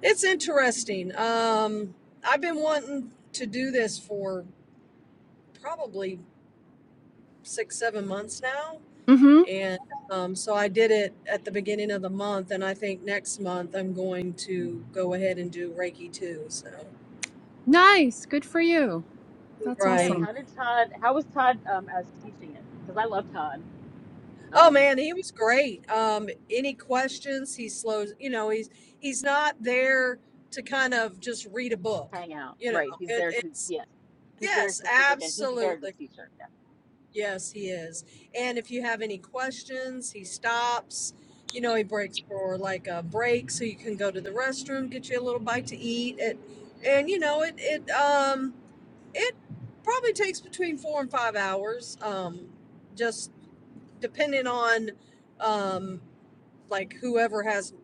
Speaker 3: It's interesting. Um, I've been wanting to do this for probably six, seven months now.
Speaker 1: Mm-hmm.
Speaker 3: And um, so I did it at the beginning of the month. And I think next month I'm going to go ahead and do Reiki too. So,
Speaker 1: Nice. Good for you. That's
Speaker 2: Damn,
Speaker 3: right.
Speaker 1: awesome.
Speaker 2: how did Todd? How was Todd um as teaching it? Because I love Todd.
Speaker 3: Oh
Speaker 2: Um,
Speaker 3: man, he was great. Um, any questions? He slows, you know, he's, he's not there to kind of just read a book,
Speaker 2: hang out.
Speaker 3: you know,
Speaker 2: Right, he's
Speaker 3: it,
Speaker 2: there to
Speaker 3: it's,
Speaker 2: yeah. He's very
Speaker 3: yes,
Speaker 2: specific and he's a
Speaker 3: absolutely.
Speaker 2: very good teacher.
Speaker 3: Yes, he is. And if you have any questions, he stops. You know, he breaks for like a break so you can go to the restroom, get you a little bite to eat. It, and you know, it it um it probably takes between four and five hours, um, just depending on um like whoever has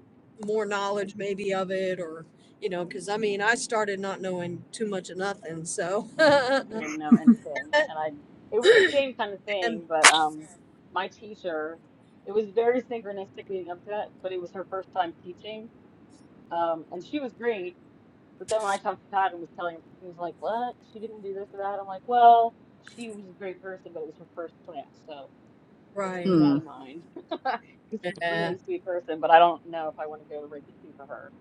Speaker 3: more knowledge maybe of it or you know, because I mean, I started not knowing too much of nothing, so and
Speaker 2: didn't know anything and i it was the same kind of thing but um my teacher it was very synchronistic leading up to that but it was her first time teaching um and she was great but then when i talked to todd and was telling him he was like what she didn't do this or that i'm like well she was a great person but it was her first class so let's keep
Speaker 3: right,
Speaker 2: that
Speaker 1: Mm.
Speaker 2: in mind because she's a
Speaker 3: yeah,
Speaker 2: really sweet person but i don't know if i want to go to reiki 2 for her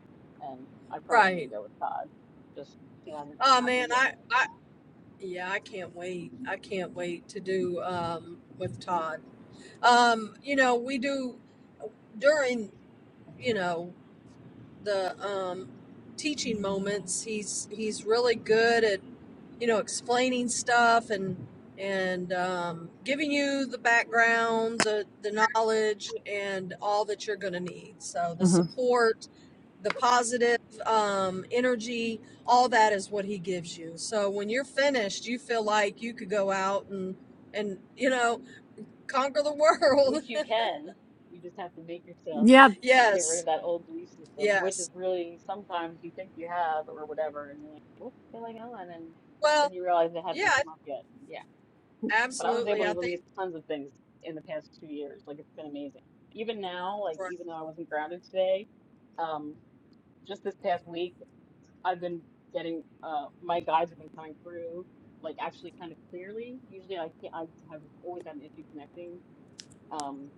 Speaker 2: and i probably am
Speaker 3: right.
Speaker 2: going to go with todd just it hasn't
Speaker 3: Oh
Speaker 2: happened
Speaker 3: man,
Speaker 2: yet
Speaker 3: I, I yeah, I can't wait. I can't wait to do um with Todd. Um, you know, we do during, you know, the um, teaching moments. He's he's really good at you know explaining stuff and and um, giving you the background, the the knowledge, and all that you're going to need. So the
Speaker 1: Mm-hmm.
Speaker 3: support, the positive um, energy, all that is what he gives you. So when you're finished, you feel like you could go out and and you know conquer the world.
Speaker 2: Which you can. You just have to make yourself
Speaker 1: Yeah.
Speaker 2: get rid of
Speaker 3: yes,
Speaker 2: that old belief system, which is
Speaker 3: yes.
Speaker 2: really sometimes you think you have or whatever, and you're like, what's going on? And then
Speaker 3: Well,
Speaker 2: you realize it hasn't
Speaker 3: yeah,
Speaker 2: come up yet. and Yeah. But I was
Speaker 3: absolutely.
Speaker 2: able
Speaker 3: I
Speaker 2: to
Speaker 3: think.
Speaker 2: release tons of things in the past two years. Like it's been amazing. Even now, like even though I wasn't grounded today, um, just this past week, I've been getting uh my guides have been coming through like actually kind of clearly. Usually I can't I have always had an issue connecting um,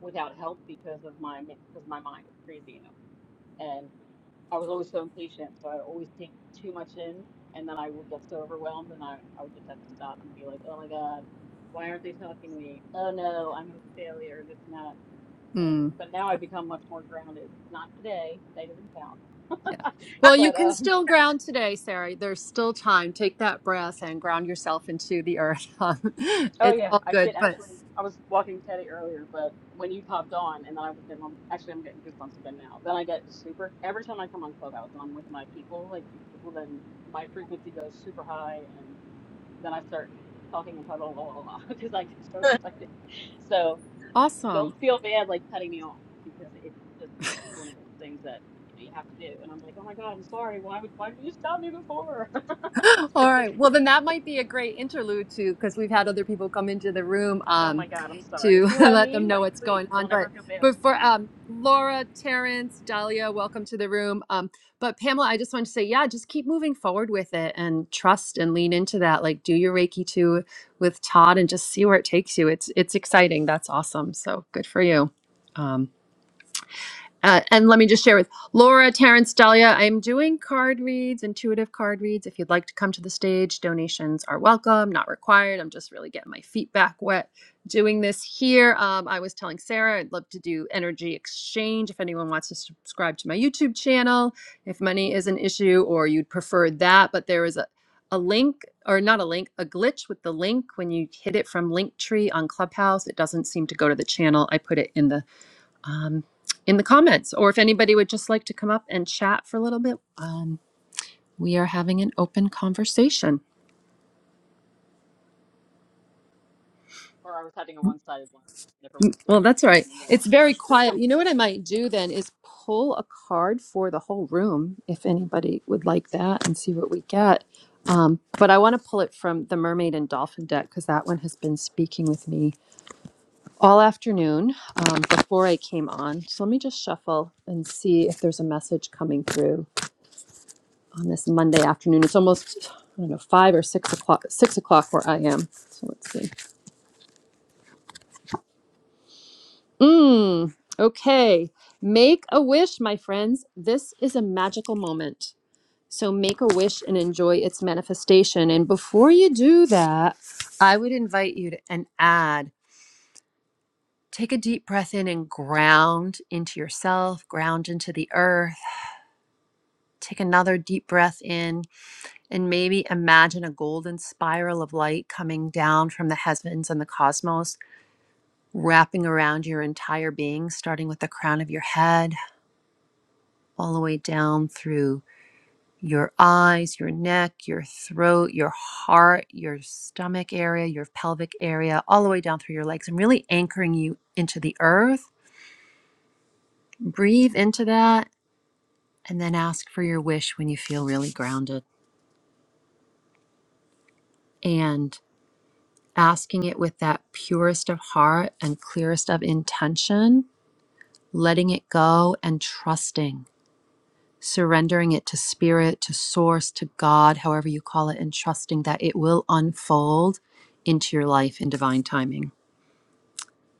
Speaker 2: without help because of my because my mind is crazy, you know. And I was always so impatient, so I'd always take too much in, and then I would get so overwhelmed, and I I would just have to stop and be like, oh my god, why aren't they talking to me? Oh no, I'm a failure. This and that. And
Speaker 1: Mm.
Speaker 2: but now I become much more grounded. Not today, that doesn't count.
Speaker 1: Yeah.
Speaker 3: Okay.
Speaker 1: Well, you
Speaker 2: But
Speaker 1: can
Speaker 2: um,
Speaker 1: still ground today, Sarah. There's still time. Take that breath and ground yourself into the earth.
Speaker 2: Oh
Speaker 1: it's
Speaker 2: yeah,
Speaker 1: all
Speaker 2: I did
Speaker 1: good, but
Speaker 2: actually. I was walking Teddy earlier, but when you popped on, and then I was getting all- actually I'm getting goosebumps again now. Then I get super every time I come on Clubhouse and I'm with my people, like you people, then my frequency goes super high, and then I start talking and talking because I get so excited. So
Speaker 1: awesome.
Speaker 2: don't feel bad like cutting me off because it's just it's one of those things that you have to do. And I'm like, oh my god, I'm sorry. Why would why did you stop me before?
Speaker 1: All right. Well, then that might be a great interlude to because we've had other people come into the room
Speaker 2: oh
Speaker 1: um,
Speaker 2: my god, I'm sorry.
Speaker 1: to
Speaker 2: See what I
Speaker 1: let them
Speaker 2: mean?
Speaker 1: know
Speaker 2: Like,
Speaker 1: what's
Speaker 2: please
Speaker 1: going on.
Speaker 2: don't ever
Speaker 1: But
Speaker 2: feel
Speaker 1: but for
Speaker 2: bad.
Speaker 1: um, Laura, Terrence, Dahlia, welcome to the room. Um, but Pamela, I just want to say, yeah, just keep moving forward with it and trust and lean into that. Like do your Reiki two with Todd and just see where it takes you. It's it's exciting. That's awesome. So good for you. Um, uh, and let me just share with Laura, Terrence, Dahlia, I'm doing card reads, intuitive card reads. If you'd like to come to the stage, donations are welcome, not required. I'm just really getting my feet back wet doing this here. Um, I was telling Sarah I'd love to do energy exchange if anyone wants to subscribe to my YouTube channel, if money is an issue or you'd prefer that. But there is a, a link, or not a link, a glitch with the link. When you hit it from Linktree on Clubhouse, it doesn't seem to go to the channel. I put it in the um, in the comments, or if anybody would just like to come up and chat for a little bit. Um, we are having an open conversation.
Speaker 2: or I was having a one sided one and everyone else was
Speaker 1: Well, that's all
Speaker 2: listening
Speaker 1: right.
Speaker 2: to me go on
Speaker 1: It's
Speaker 2: and
Speaker 1: very
Speaker 2: on.
Speaker 1: quiet. You know what I might do then is pull a card for the whole room if anybody would like that and see what we get. Um, but I want to pull it from the Mermaid and Dolphin deck because that one has been speaking with me all afternoon um, before I came on. So let me just shuffle and see if there's a message coming through. on this Monday afternoon. It's almost I don't know five or six o'clock. Six o'clock where I am. So let's see. Mm, okay, make a wish, my friends. This is a magical moment. So make a wish and enjoy its manifestation. And before you do that, I would invite you to and add. Take a deep breath in and ground into yourself, ground into the earth. Take another deep breath in and maybe imagine a golden spiral of light coming down from the heavens and the cosmos, wrapping around your entire being, starting with the crown of your head, all the way down through your eyes, your neck, your throat, your heart, your stomach area, your pelvic area, all the way down through your legs, and really anchoring you into the earth. Breathe into that and then ask for your wish when you feel really grounded. And asking it with that purest of heart and clearest of intention, letting it go and trusting, surrendering it to spirit, to source, to God, however you call it, and trusting that it will unfold into your life in divine timing.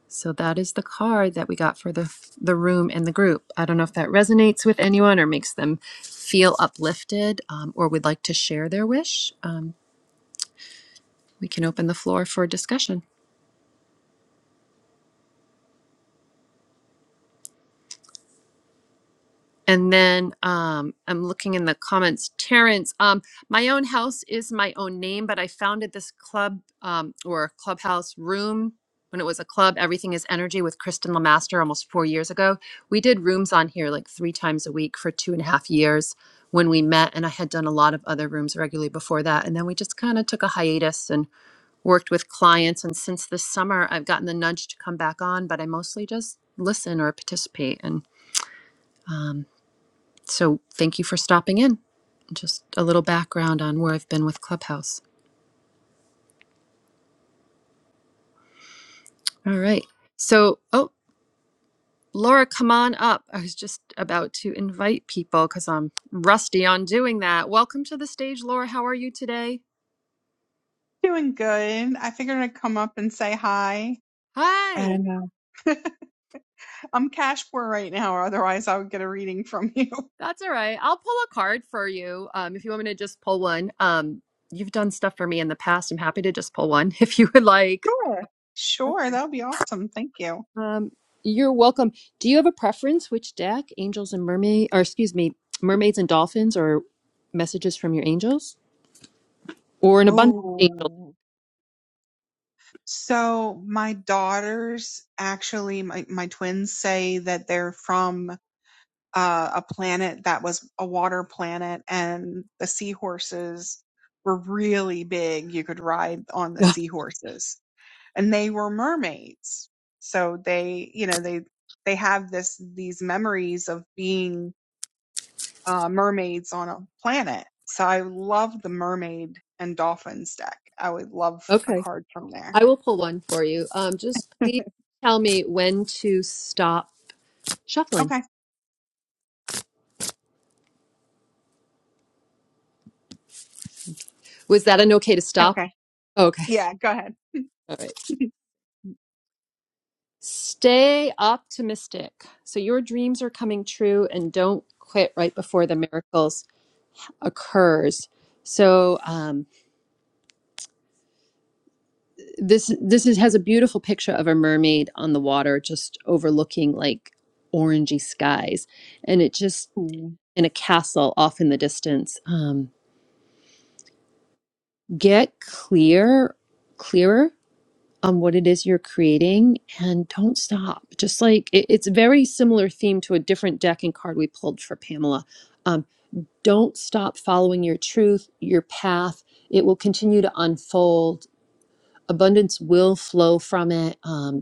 Speaker 1: So that is the card that we got for the the room and the group. I don't know if that resonates with anyone or makes them feel uplifted um, or would like to share their wish. Um, we can open the floor for discussion. And then um, I'm looking in the comments. Terrence, um, my own house is my own name, but I founded this club um, or clubhouse room when it was a club. Everything is energy with Kristen Lamaster almost four years ago. We did rooms on here like three times a week for two and a half years when we met, and I had done a lot of other rooms regularly before that. And then we just kind of took a hiatus and worked with clients. And since this summer, I've gotten the nudge to come back on, but I mostly just listen or participate. and. So thank you for stopping in. Just a little background on where I've been with Clubhouse. All right. So, oh, Laura, come on up. I was just about to invite people because I'm rusty on doing that. Welcome to the stage, Laura. How are you today?
Speaker 5: Doing good. I figured I'd come up and say hi.
Speaker 1: Hi.
Speaker 5: And uh, I'm cash poor right now, or otherwise I would get a reading from you.
Speaker 1: That's all right. I'll pull a card for you um, if you want me to just pull one. Um, you've done stuff for me in the past. I'm happy to just pull one if you would like.
Speaker 5: Sure. Sure, that will be awesome. Thank you.
Speaker 1: Um, you're welcome. Do you have a preference which deck, angels and mermaid, or excuse me, mermaids and dolphins, or messages from your angels, or an abundance angel?
Speaker 5: Oh. So my daughters actually my, my twins say that they're from uh, a planet that was a water planet and the seahorses were really big. You could ride on the
Speaker 1: Yeah.
Speaker 5: seahorses and they were mermaids. So they, you know, they they have this these memories of being uh, mermaids on a planet. So I love the mermaid and dolphins deck. I would love a
Speaker 1: okay,
Speaker 5: card from there.
Speaker 1: I will pull one for you. Um, just please tell me when to stop shuffling.
Speaker 5: Okay.
Speaker 1: Was that an okay to stop?
Speaker 5: Okay.
Speaker 1: Okay,
Speaker 5: Yeah. Go ahead.
Speaker 1: all right. Stay optimistic. So your dreams are coming true, and don't quit right before the miracles occurs. So, um, this this is, has a beautiful picture of a mermaid on the water just overlooking like orangey skies and it just
Speaker 5: Ooh.
Speaker 1: in a castle off in the distance um get clear clearer on what it is you're creating and don't stop just like it, it's a very similar theme to a different deck and card we pulled for pamela um don't stop following your truth your path it will continue to unfold abundance will flow from it Um,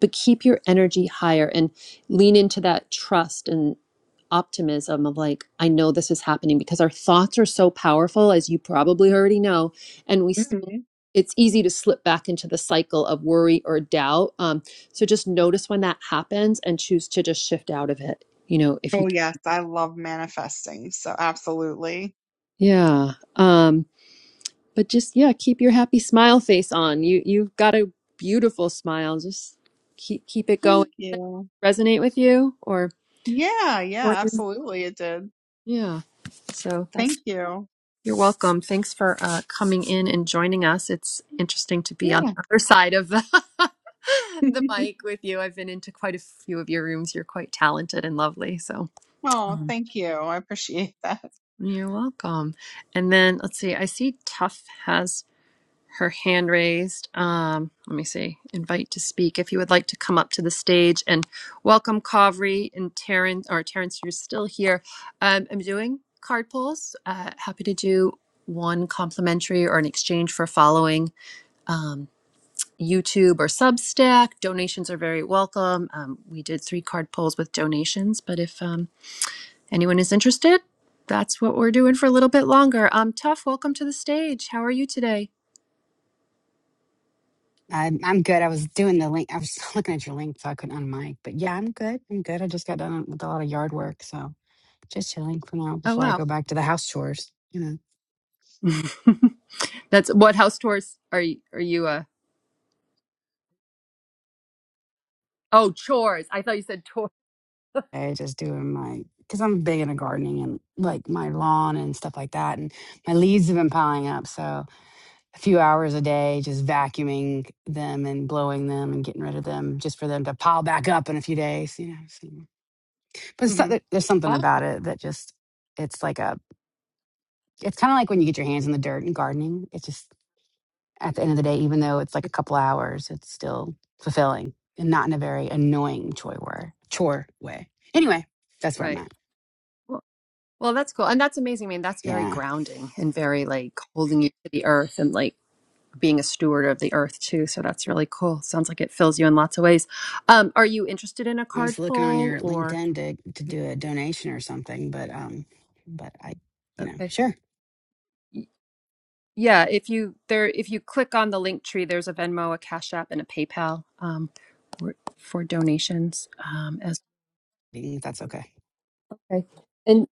Speaker 1: but keep your energy higher and lean into that trust and optimism of like i know this is happening because our thoughts are so powerful as you probably already know and we s-
Speaker 5: Mhm.
Speaker 1: it's easy to slip back into the cycle of worry or doubt um, so just notice when that happens and choose to just shift out of it you know if you
Speaker 5: Oh
Speaker 1: can.
Speaker 5: yes, I love manifesting. So absolutely.
Speaker 1: yeah um but just yeah keep your happy smile face on you you've got a beautiful smile just keep keep it going
Speaker 5: Thank you.
Speaker 1: resonate with you or
Speaker 5: Yeah. Yeah. Absolutely. It did.
Speaker 1: Yeah. So
Speaker 5: Thank
Speaker 1: that's
Speaker 5: you.
Speaker 1: you're welcome. Thanks for uh, coming in and joining us. It's interesting to be on
Speaker 5: Yeah.
Speaker 1: the other side of the, the mic with you. I've been into quite a few of your rooms. You're quite talented and lovely. So
Speaker 5: oh, thank you. I appreciate that.
Speaker 1: you're welcome. And then let's see. I see Tough has. her hand raised. Um, let me see. Invite to speak. If you would like to come up to the stage and welcome Kavri and Terrence, or Terrence, you're still here. Um, I'm doing card pulls. Uh, happy to do one complimentary or an exchange for following um, YouTube or Substack. Donations are very welcome. Um, we did three card pulls with donations, but if um, anyone is interested, that's what we're doing for a little bit longer. Um, Tough, welcome to the stage. How are you today?
Speaker 6: I'm I'm good. I was doing the link. I was looking at your link, so I couldn't unmic. But yeah, I'm good. I'm good. I just got done with a lot of yard work, so just chilling for now
Speaker 1: Oh,
Speaker 6: before I
Speaker 1: wow.
Speaker 6: go back to the house chores. You know,
Speaker 1: That's what house chores are you? Are you? Uh, oh, chores. I thought you said tour.
Speaker 6: I just doing my because I'm big into gardening and like my lawn and stuff like that. And my leaves have been piling up, so a few hours a day just vacuuming them and blowing them and getting rid of them, just for them to pile back up in a few days. You know, so. but so,
Speaker 1: hmm
Speaker 6: there- there's something
Speaker 1: Awesome.
Speaker 6: about it that just it's like a It's kind of like when you get your hands in the dirt and gardening. It's just at the end of the day, even though it's like a couple hours, it's still fulfilling and not in a very annoying chore way. Chore way. Anyway, that's where I'm
Speaker 1: Right.
Speaker 6: at.
Speaker 1: Well, well, that's cool, and that's amazing. I mean, that's very
Speaker 6: Yeah,
Speaker 1: grounding and very like holding you to the earth and like being a steward of the earth too. So that's really cool. Sounds like it fills you in lots of ways. Um, are you interested in a
Speaker 6: I was
Speaker 1: card
Speaker 6: looking on
Speaker 1: pull
Speaker 6: your
Speaker 1: or?
Speaker 6: LinkedIn to to do a donation or something, but um, but I, you know,
Speaker 1: Okay.
Speaker 6: sure,
Speaker 1: Y- Yeah, if you there, if you click on the link tree, there's a Venmo, a Cash App, and a PayPal um, for, for donations um, as.
Speaker 6: if that's okay.
Speaker 1: Okay. and.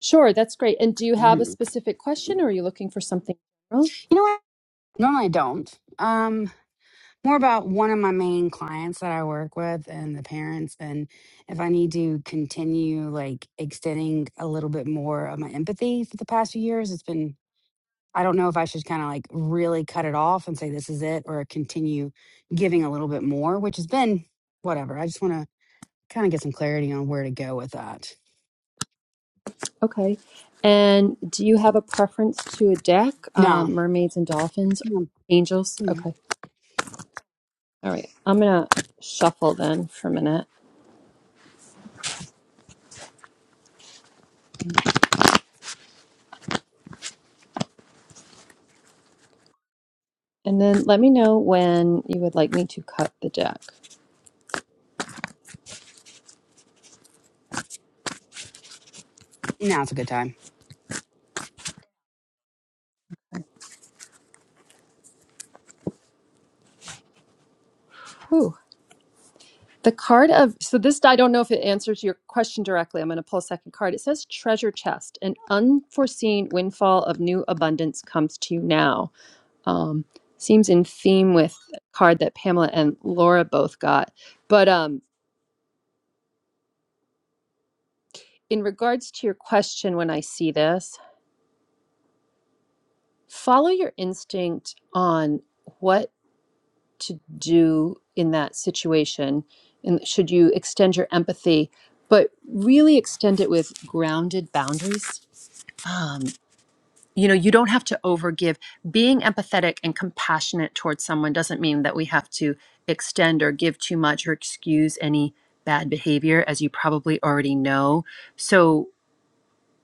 Speaker 1: Sure, that's great. And do you have a
Speaker 6: Mhm.
Speaker 1: specific
Speaker 6: You
Speaker 1: question or are you looking for something general?
Speaker 6: know what? Normally I don't. Um, more about one of my main clients that I work with and the parents and if I need to continue like extending a little bit more of my empathy for the past few years. It's been I don't know if I should kind of like really cut it off and say this is it or continue giving a little bit more, which has been whatever. I just want to kind of get some clarity on where to go with that.
Speaker 1: Okay. And do you have a preference to a deck? Um,
Speaker 6: No.
Speaker 1: mermaids and dolphins?
Speaker 6: No,
Speaker 1: Angels?
Speaker 6: Mm-hmm. no.
Speaker 1: Okay. All right. I'm going to shuffle then for a minute. And then let me know when you would like me to cut the deck.
Speaker 6: Now's a good time.
Speaker 1: Whew. The card of, so this, I don't know if it answers your question directly. I'm going to pull a second card. It says treasure chest. An unforeseen windfall of new abundance comes to you now. um, seems in theme with a card that Pamela and Laura both got. But um, in regards to your question, when I see this, follow your instinct on what to do in that situation. And should you extend your empathy, but really extend it with grounded boundaries? Um, you know you don't have to overgive being empathetic and compassionate towards someone doesn't mean that we have to extend or give too much or excuse any bad behavior as you probably already know so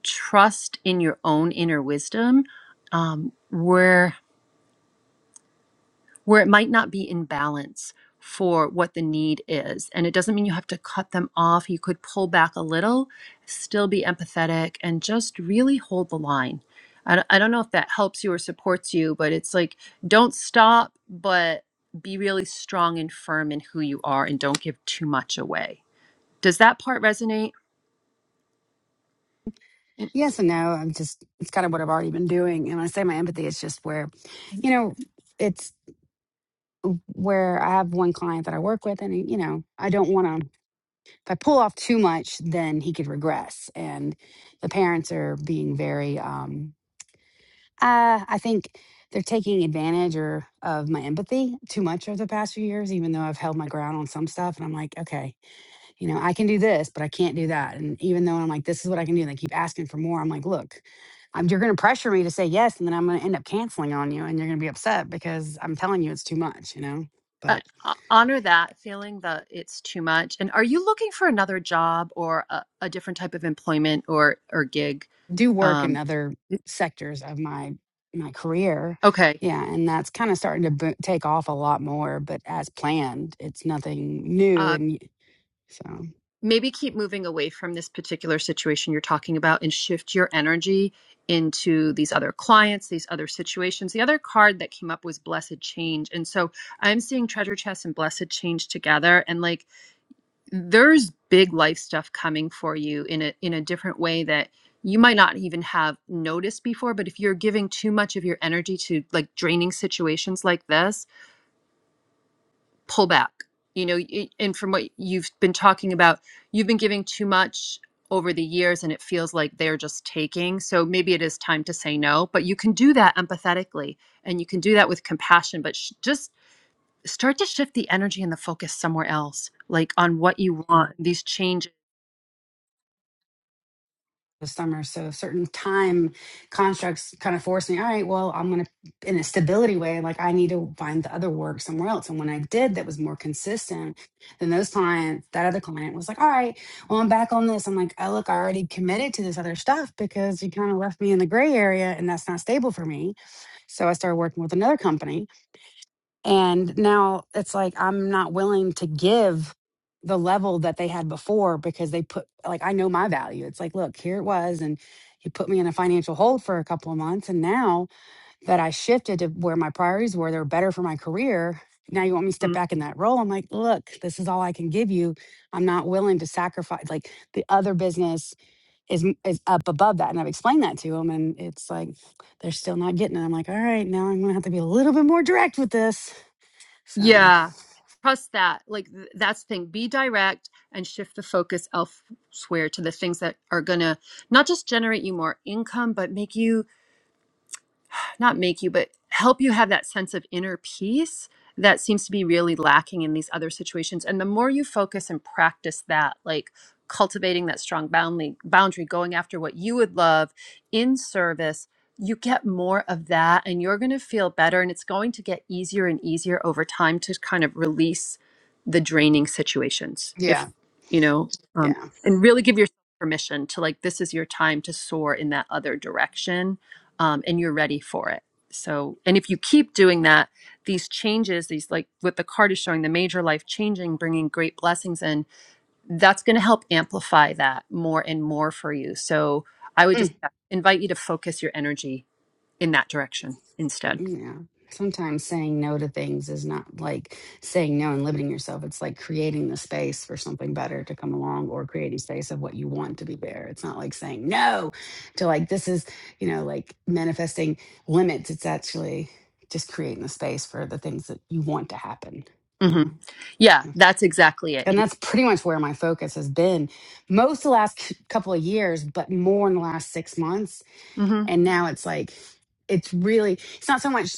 Speaker 1: trust in your own inner wisdom um, where where it might not be in balance for what the need is. And it doesn't mean you have to cut them off. You could pull back a little, still be empathetic, and just really hold the line. I don't I don't know if that helps you or supports you, but it's like don't stop, but be really strong and firm in who you are and don't give too much away. Does that part resonate?
Speaker 6: Yes and no. I'm just it's kind of what I've already been doing. And when I say my empathy, it's just where, you know, it's where I have one client that I work with, and you know, I don't want to. If I pull off too much, then he could regress. And the parents are being very, um, uh, I think they're taking advantage or of my empathy too much over the past few years. Even though I've held my ground on some stuff, and I'm like, okay, you know, I can do this, but I can't do that. And even though I'm like, this is what I can do, and they keep asking for more. I'm like, look. I'm, you're going to pressure me to say yes, and then I'm going to end up canceling on you, and you're going to be upset because I'm telling you it's too much, you know.
Speaker 1: uh,
Speaker 6: But
Speaker 1: ho- honor that feeling that it's too much. And are you looking for another job or a, a different type of employment or or gig?
Speaker 6: do work in
Speaker 1: Um,
Speaker 6: other sectors of my my career
Speaker 1: okay,
Speaker 6: yeah and that's kind of starting to bo take off a lot more but as planned it's nothing new
Speaker 1: uh,
Speaker 6: and y- so
Speaker 1: maybe keep moving away from this particular situation you're talking about and shift your energy into these other clients, these other situations. The other card that came up was blessed change, and so I'm seeing treasure chest and blessed change together, and like there's big life stuff coming for you in a in a different way that you might not even have noticed before but if you're giving too much of your energy to like draining situations like this pull back you know y- and from what you've been talking about you've been giving too much over the years and it feels like they're just taking so maybe it is time to say no but you can do that empathetically and you can do that with compassion but sh- just start to shift the energy and the focus somewhere else like on what you want these changes
Speaker 6: the summer. So certain time constructs kind of forced me, all right, well, I'm going to, in a stability way, like I need to find the other work somewhere else. And when I did, that was more consistent than those clients. That other client was like, all right, well, I'm back on this. I'm like, oh, look, I already committed to this other stuff because you kind of left me in the gray area and that's not stable for me. So I started working with another company and now it's like I'm not willing to give the level that they had before because they put like I know my value. It's like, look, here it was and you put me in a financial hold for a couple of months and now that I shifted to where my priorities were, they're better for my career. Now you want me to step back in that role. I'm like, look, this is all I can give you. I'm not willing to sacrifice like the other business is m- is up above that. And I've explained that to them and it's like they're still not getting it. I'm like, all right, now I'm gonna have to be a little bit more direct with this so,
Speaker 1: Yeah. Trust that. Like th- that's the thing. Be direct and shift the focus elsewhere to the things that are going to not just generate you more income, but make you not make you, but help you have that sense of inner peace that seems to be really lacking in these other situations. And the more you focus and practice that, like cultivating that strong boundary, boundary, going after what you would love in service, you get more of that and you're going to feel better. And it's going to get easier and easier over time to kind of release the draining situations.
Speaker 6: yeah,
Speaker 1: If, you know, um,
Speaker 6: yeah,
Speaker 1: and really give yourself permission to like, this is your time to soar in that other direction um, and you're ready for it. So, and if you keep doing that, these changes, these like what the card is showing, the major life changing, bringing great blessings in, that's going to help amplify that more and more for you. So, I would just
Speaker 6: mm,
Speaker 1: invite you to focus your energy in that direction instead.
Speaker 6: yeah. Sometimes saying no to things is not like saying no and limiting yourself. It's like creating the space for something better to come along or creating space of what you want to be there. It's not like saying no to like, this is, you know, like manifesting limits. It's actually just creating the space for the things that you want to happen, you
Speaker 1: hmm
Speaker 6: know.
Speaker 1: Yeah,
Speaker 6: So-
Speaker 1: that's exactly it.
Speaker 6: And that's pretty much where my focus has been most the last c- couple of years, but more in the last six months
Speaker 1: hmm
Speaker 6: And now it's like, it's really, it's not so much,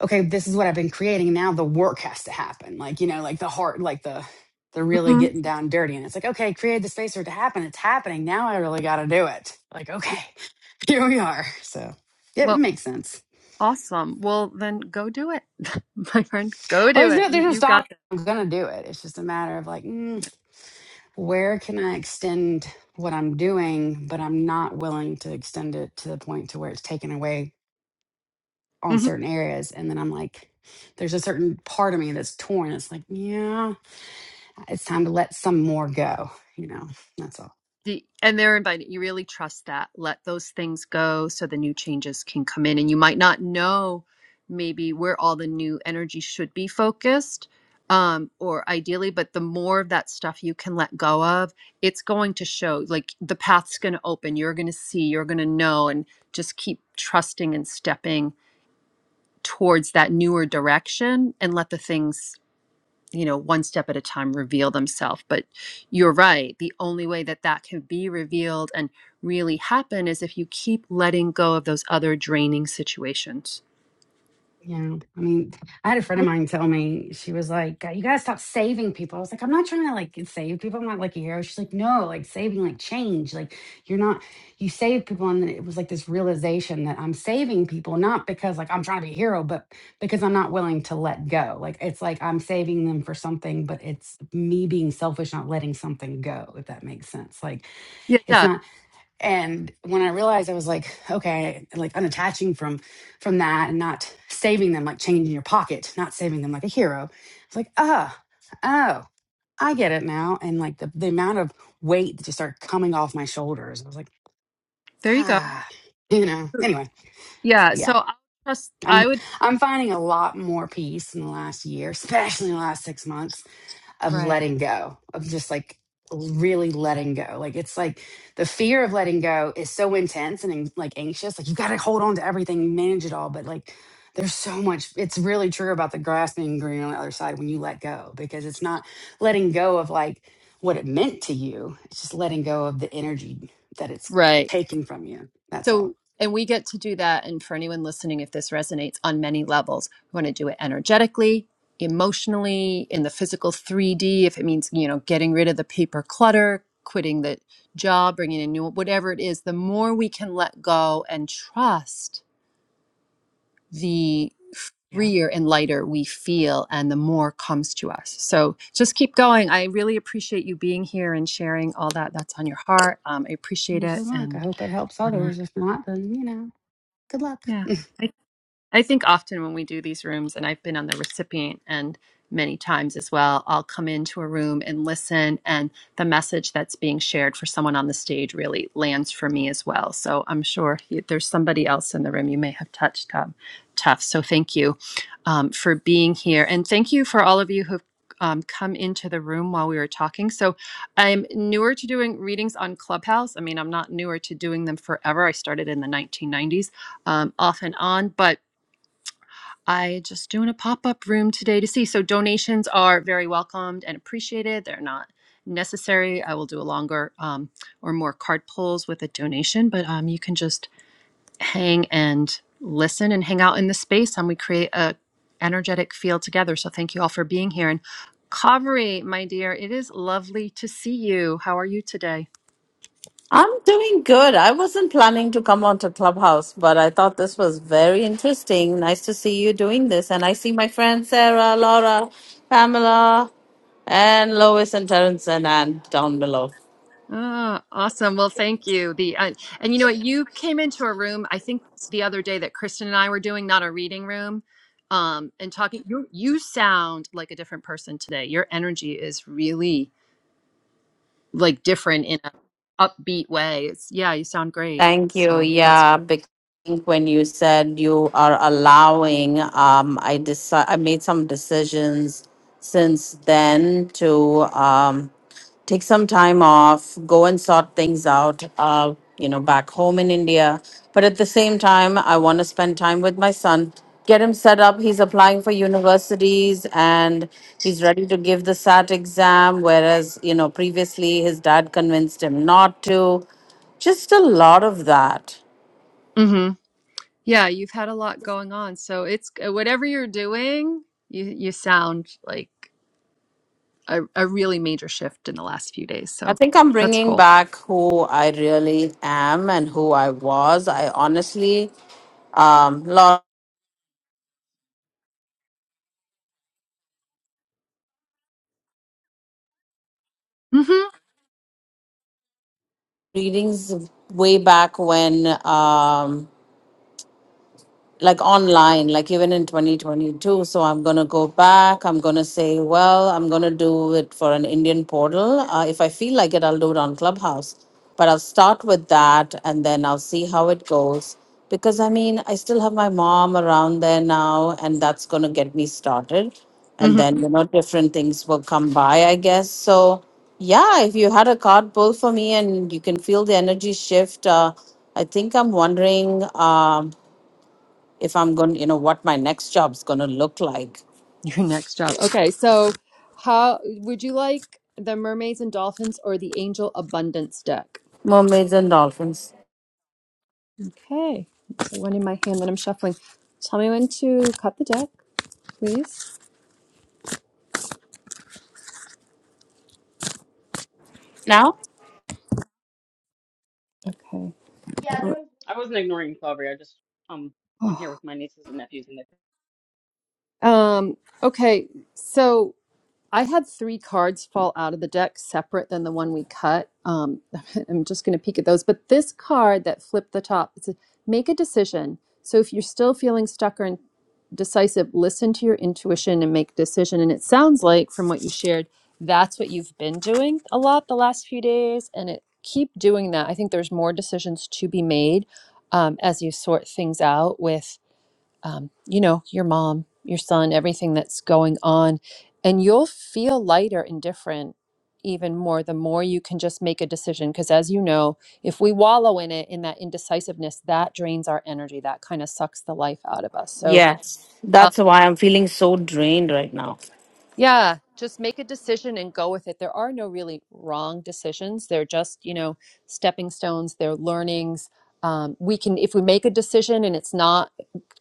Speaker 6: okay, this is what I've been creating. Now the work has to happen. Like, you know, like the heart, like the, the really
Speaker 1: hmm
Speaker 6: getting down dirty. And it's like, okay, create the space for it to happen. It's happening. Now I really got to do it. Like,
Speaker 1: Yeah.
Speaker 6: okay, here we are. So it
Speaker 1: Well,
Speaker 6: makes sense.
Speaker 1: awesome. Well, then go do it, my friend. Go
Speaker 6: Well,
Speaker 1: do
Speaker 6: there's no,
Speaker 1: it. You,
Speaker 6: there's no
Speaker 1: you got
Speaker 6: stop. I'm going to do it. It's just a matter of like, mm,
Speaker 1: this.
Speaker 6: where can I extend what I'm doing, but I'm not willing to extend it to the point to where it's taken away on certain areas and then i'm like there's a certain part of me that's torn it's like yeah it's time to let some more go you know that's all
Speaker 1: the and they're invited you really trust that let those things go so the new changes can come in and you might not know maybe where all the new energy should be focused um, or ideally but the more of that stuff you can let go of it's going to show like the path's going to open you're going to see you're going to know and just keep trusting and stepping towards that newer direction and let the things you know, one step at a time reveal themselves. But you're right. The only way that that can be revealed and really happen is if you keep letting go of those other draining situations.
Speaker 6: Yeah. I mean, I had a friend of
Speaker 1: Okay.
Speaker 6: mine tell me, she was like, "Uh, you gotta stop saving people. I was like, I'm not trying to like save people. I'm not like a hero. She's like, no, like saving, like change. Like you're not, you save people. And it was like this realization that I'm saving people, not because like I'm trying to be a hero, but because I'm not willing to let go. Like it's like I'm saving them for something, but it's me being selfish, not letting something go, if that makes sense. Like
Speaker 1: Yeah, it
Speaker 6: it's not and when i realized i was like okay like unattaching from from that and not saving them like change in your pocket not saving them like a hero it's like ah oh i get it now and like the, the amount of weight that just started coming off my shoulders i was like
Speaker 1: There you go.
Speaker 6: ah you know anyway so
Speaker 1: Yeah. So
Speaker 6: yeah
Speaker 1: I just,
Speaker 6: i'm
Speaker 1: I would.
Speaker 6: i'm finding a lot more peace in the last year especially in the last six months of
Speaker 1: Right.
Speaker 6: letting go, of just like really letting go. Like it's like the fear of letting go is so intense and an- like anxious. Like you got to hold on to everything, manage it all. But like there's so much, it's really true about the grass being green on the other side when you let go, because it's not letting go of like what it meant to you. It's just letting go of the energy that it's
Speaker 1: Right.
Speaker 6: taking from you. That's all.
Speaker 1: So, and we get to do that. And for anyone listening, if this resonates on many levels, we want to do it energetically, emotionally, in the physical 3D, if it means, you know, getting rid of the paper clutter, quitting the job, bringing in new, whatever it is, the more we can let go and trust, the
Speaker 6: Yeah.
Speaker 1: freer and lighter we feel and the more comes to us. So just keep going. I really appreciate you being here and sharing all that that's on your heart. Um, I appreciate it.
Speaker 6: Good luck. I
Speaker 1: And
Speaker 6: hope it helps
Speaker 1: um,
Speaker 6: others. If not, then you know. Good luck.
Speaker 1: yeah. I think often when we do these rooms, and I've been on the recipient end many times as well, I'll come into a room and listen, and the message that's being shared for someone on the stage really lands for me as well. So I'm sure you, there's somebody else in the room you may have touched um, tough. So thank you um, for being here, and thank you for all of you who've. Um, come into the room while we were talking. So, I'm newer to doing readings on Clubhouse. I mean, I'm not newer to doing them forever. I started in the 1990s, um, off and on, but I just doing a pop up room today to see. So donations are very welcomed and appreciated. They're not necessary. I will do a longer um, or more card pulls with a donation, but um, you can just hang and listen and hang out in the space, and we create a energetic field together. So thank you all for being here. And Kaveri, my dear, it is lovely to see you. How are you today?
Speaker 7: I'm doing good. I wasn't planning to come onto Clubhouse, but I thought this was very interesting. Nice to see you doing this. And I see my friends Sarah, Laura, Pamela, and Lois and Terrence and Ann down below.
Speaker 1: Ah, awesome. Well, thank you. The uh, and you know what? You came into a room I think the other day that Kristen and I were doing, not a reading room, um, and talking. You you sound like a different person today. Your energy is really like different in a upbeat way. It's yeah, you sound great.
Speaker 7: Thank you.
Speaker 1: So that's cool.
Speaker 7: Yeah, think when you said you are allowing, um, I decide, I made some decisions since then to, um, take some time off, go and sort things out, uh, you know, back home in India. But at the same time, I want to spend time with my son, get him set up. He's applying for universities and he's ready to give the SAT exam, whereas, you know, previously his dad convinced him not to. Just a lot of that.
Speaker 1: hmm Yeah, you've had a lot going on. So it's uh, whatever you're doing, you you sound like a, a really major shift in the last few days.
Speaker 7: I
Speaker 1: So
Speaker 7: think I'm
Speaker 1: that's
Speaker 7: bringing
Speaker 1: cool.
Speaker 7: back who I really am and who I was. I honestly, um, lot
Speaker 1: Mm-hmm.
Speaker 7: of readings way back when. Um, like online, like even in 2022. So I'm going to go back. I'm going to say, well, I'm going to do it for an Indian portal. Uh, if I feel like it, I'll do it on Clubhouse. But I'll start with that and then I'll see how it goes. Because I mean, I still have my mom around there now, and that's going to get me started.
Speaker 1: Mm-hmm.
Speaker 7: And then, you know, different things will come by, I guess. So, yeah, if you had a card pull for me and you can feel the energy shift, uh, I think I'm wondering. Um, if I'm going, you know, what my next job's going to look like.
Speaker 1: Your next job. Okay, so how would you like the mermaids and dolphins or the angel abundance deck?
Speaker 7: Mermaids and dolphins.
Speaker 1: Okay, so one in my hand that I'm shuffling. Tell me when to cut the deck, please.
Speaker 7: Now?
Speaker 1: Okay.
Speaker 2: Yeah.
Speaker 1: Or-
Speaker 2: I wasn't ignoring Clovery, I just um I'm
Speaker 1: oh.
Speaker 2: here with my nieces and nephews and they
Speaker 1: Um. Okay. So. I had three cards fall out of the deck separate than the one we cut. Um, I'm just going to peek at those. But this card that flipped the top, it says, make a decision. So if you're still feeling stuck or indecisive, listen to your intuition and make a decision. And it sounds like, from what you shared, that's what you've been doing a lot the last few days. And it keep doing that. I think there's more decisions to be made um, as you sort things out with um, you know, your mom, your son, everything that's going on. And you'll feel lighter and different even more the more you can just make a decision. Because as you know, if we wallow in it, in that indecisiveness, that drains our energy. That kind of sucks the life out of us. So
Speaker 7: Yes, That's why I'm feeling so drained right now.
Speaker 1: Yeah, just make a decision and go with it. There are no really wrong decisions. They're just, you know, stepping stones, they're learnings. Um, we can, if we make a decision and it's not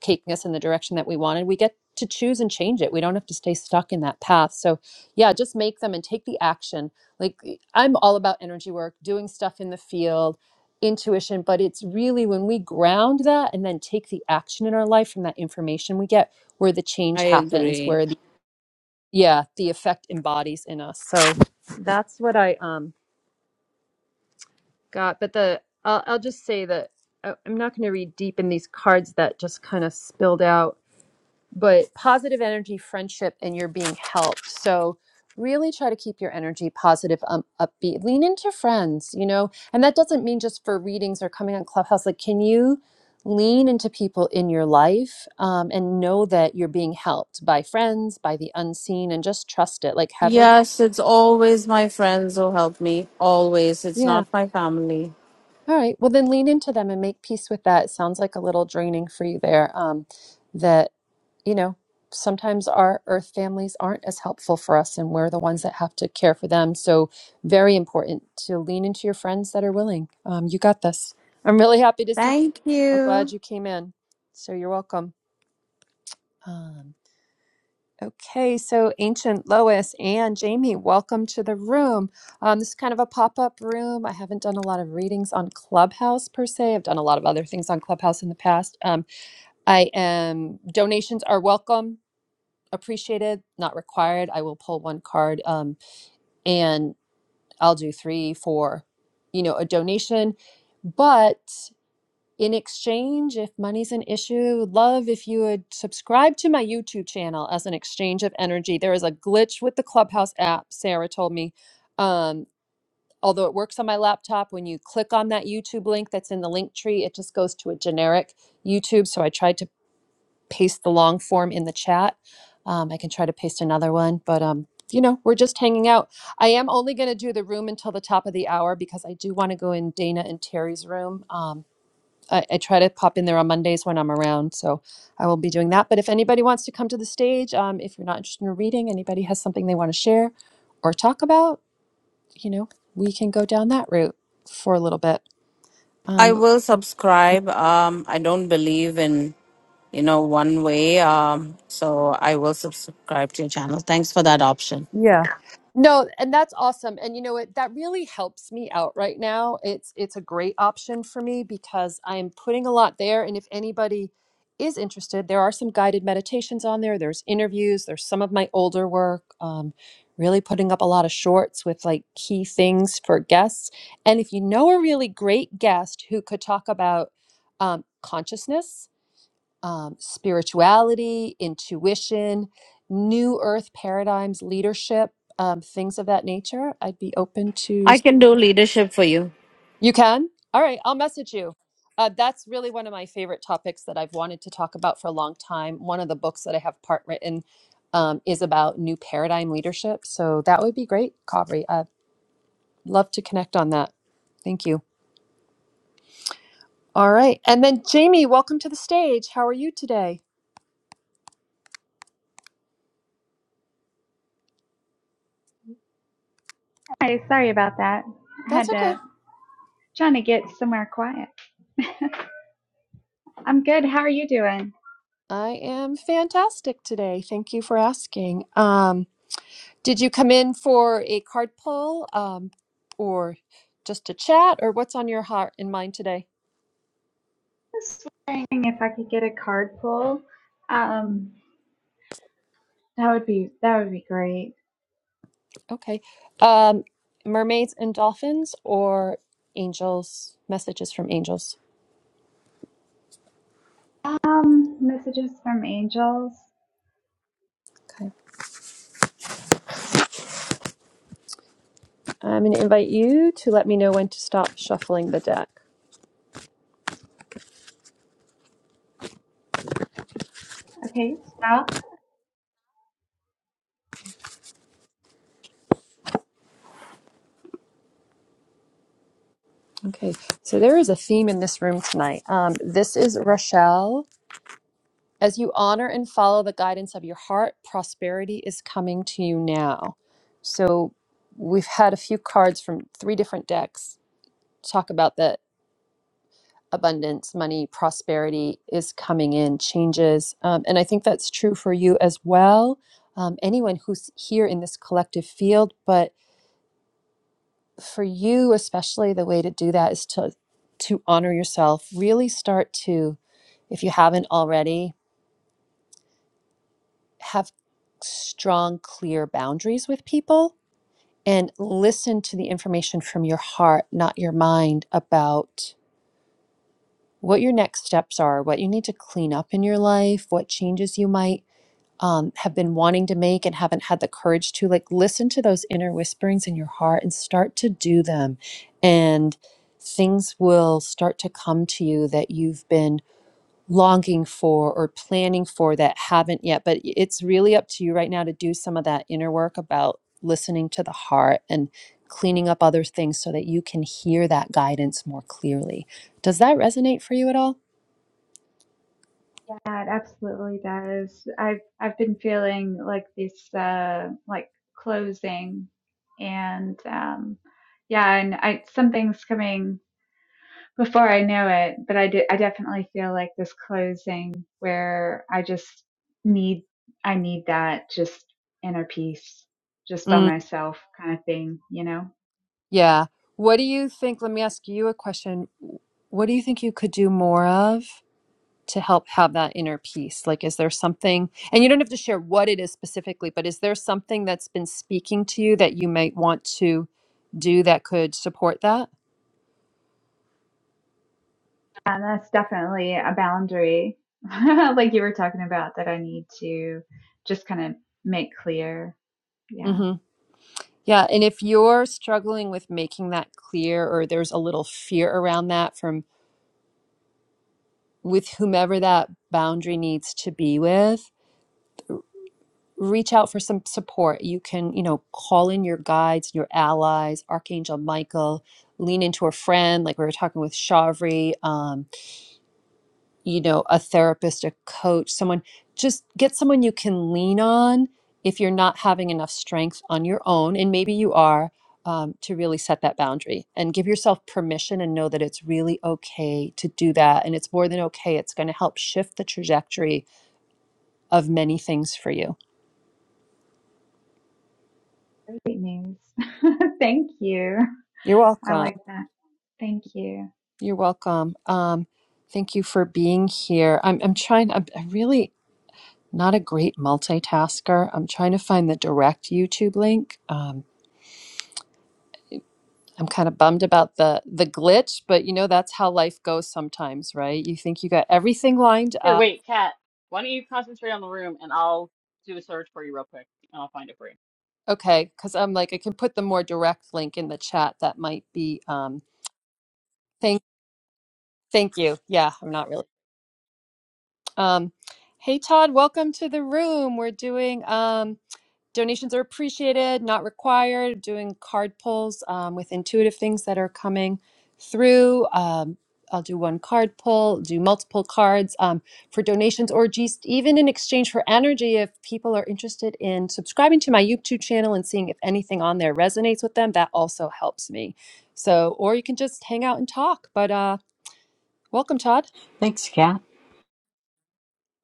Speaker 1: taking us in the direction that we wanted, we get to choose and change it. We don't have to stay stuck in that path. So, yeah, just make them and take the action. Like, I'm all about energy work, doing stuff in the field, intuition, but it's really when we ground that and then take the action in our life from that information we get where the change
Speaker 7: I
Speaker 1: happens,
Speaker 7: agree.
Speaker 1: where the yeah the effect embodies in us so that's what i um got but the i'll, I'll just say that I- i'm not going to read deep in these cards that just kind of spilled out but positive energy friendship and you're being helped so really try to keep your energy positive um, upbeat lean into friends you know and that doesn't mean just for readings or coming on clubhouse like can you lean into people in your life um, and know that you're being helped by friends by the unseen and just trust it like heaven
Speaker 7: Yes, it's always my friends who help me. Always. It's
Speaker 1: Yeah.
Speaker 7: not my family.
Speaker 1: All right. Well, then lean into them and make peace with that. It sounds like a little draining for you there. Um, that, you know, sometimes our earth families aren't as helpful for us, and we're the ones that have to care for them. So, very important to lean into your friends that are willing. Um, you got this. I'm really happy to see you.
Speaker 7: Thank
Speaker 1: I'm glad
Speaker 7: you.
Speaker 1: you came in. So, you're welcome. Um, Okay, so Ancient Lois and Jamie, welcome to the room. Um, this is kind of a pop up room. I haven't done a lot of readings on Clubhouse per se. I've done a lot of other things on Clubhouse in the past. Um, I am, donations are welcome, appreciated, not required. I will pull one card um, and I'll do three for, you know, a donation. But in exchange, if money's an issue, love if you would subscribe to my YouTube channel as an exchange of energy. There is a glitch with the Clubhouse app, Sarah told me. Um, although it works on my laptop, when you click on that YouTube link that's in the link tree, it just goes to a generic YouTube. So I tried to paste the long form in the chat. Um, I can try to paste another one, but um, you know, we're just hanging out. I am only going to do the room until the top of the hour because I do want to go in Dana and Terry's room. Um, I, I try to pop in there on Mondays when I'm around, so I will be doing that. But if anybody wants to come to the stage, um, if you're not interested in reading, anybody has something they want to share or talk about, you know, we can go down that route for a little bit.
Speaker 7: I
Speaker 1: Um,
Speaker 7: will subscribe. Um, I don't believe in, you know, one way. Um, so I will subscribe to your channel. Thanks for that option.
Speaker 1: Yeah. No, and that's awesome. And you know what? That really helps me out right now. It's it's a great option for me because I'm putting a lot there. And if anybody is interested, there are some guided meditations on there. There's interviews. There's some of my older work. Um, really putting up a lot of shorts with like key things for guests. And if you know a really great guest who could talk about um, consciousness um, spirituality, intuition, new earth paradigms, leadership, um, things of that nature, I'd be open to.
Speaker 7: I can do leadership for you.
Speaker 1: You can? All right, I'll message you. Uh, that's really one of my favorite topics that I've wanted to talk about for a long time. One of the books that I have part written um, is about new paradigm leadership. So that would be great, Kavri. I'd love to connect on that. Thank you. All right. And then, Jamie, welcome to the stage. How are you today?
Speaker 8: Hi, sorry about that. I
Speaker 1: That's
Speaker 8: had
Speaker 1: okay.
Speaker 8: to trying to get somewhere quiet. I'm good. How are you doing?
Speaker 1: I am fantastic today. Thank you for asking. Um, did you come in for a card pull, um, or just a chat, or what's on your heart and mind today?
Speaker 8: Just wondering if I could get a card pull. Um, that would be that would be great.
Speaker 1: Okay. Um, mermaids and dolphins, or angels, messages from angels.
Speaker 8: Um, messages from angels.
Speaker 1: Okay. I'm going to invite you to let me know when to stop shuffling the deck.
Speaker 8: Okay, stop.
Speaker 1: Okay. So there is a theme in this room tonight. Um, this is Rochelle. As you honor and follow the guidance of your heart, prosperity is coming to you now. So, we've had a few cards from three different decks talk about that abundance, money, prosperity is coming in, changes. Um, and I think that's true for you as well. Um, anyone who's here in this collective field, but for you especially, the way to do that is to to honor yourself. Really start to, if you haven't already, have strong, clear boundaries with people and listen to the information from your heart, not your mind, about what your next steps are, what you need to clean up in your life, what changes you might um, have been wanting to make and haven't had the courage to. Like, listen to those inner whisperings in your heart and start to do them. And things will start to come to you that you've been longing for or planning for that haven't yet. But it's really up to you right now to do some of that inner work about listening to the heart and cleaning up other things so that you can hear that guidance more clearly. Does that resonate for you at all?
Speaker 8: Yeah, it absolutely does. I've I've been feeling like this uh like closing and um yeah, and I something's coming before I know it, but I did, I definitely feel like this closing where I just need, I need that just inner peace, just by
Speaker 1: Mm,
Speaker 8: myself kind of thing, you know?
Speaker 1: yeah. What do you think? Let me ask you a question. What do you think you could do more of? to help have that inner peace? Like, is there something, and you don't have to share what it is specifically, but is there something that's been speaking to you that you might want to do that could support that?
Speaker 8: And that's definitely a boundary, like you were talking about, that I need to just kind of make clear. Yeah.
Speaker 1: hmm Yeah. And if you're struggling with making that clear or there's a little fear around that from with whomever that boundary needs to be with, reach out for some support. You can, you know, call in your guides, your allies, Archangel Michael, lean into a friend, like we were talking with Shavri. Um, you know, a therapist, a coach, someone, just get someone you can lean on if you're not having enough strength on your own. And maybe you are um, to really set that boundary and give yourself permission and know that it's really okay to do that. And it's more than okay, it's going to help shift the trajectory of many things for you.
Speaker 8: Great news. Thank you.
Speaker 1: You're
Speaker 8: I like
Speaker 1: welcome.
Speaker 8: that. Thank you.
Speaker 1: You're welcome. Um, thank you for being here. I'm, I'm trying, I'm, I'm really not a great multitasker. I'm trying to find the direct YouTube link. Um, I'm kind of bummed about the the glitch, but you know that's how life goes sometimes, right? You think you got everything lined
Speaker 2: here,
Speaker 1: up.
Speaker 2: wait, Kat, why don't you concentrate on the room and I'll do a search for you real quick and I'll find it for you.
Speaker 1: Okay, cuz I'm like I can put the more direct link in the chat that might be um thank thank you. Yeah, I'm not really. Um hey Todd, welcome to the room. We're doing um Donations are appreciated, not required. Doing card pulls um, with intuitive things that are coming through. Um, I'll do one card pull, do multiple cards um, for donations or just even in exchange for energy. If people are interested in subscribing to my YouTube channel and seeing if anything on there resonates with them, that also helps me. So, or you can just hang out and talk. But uh, welcome, Todd.
Speaker 9: Thanks, Kat.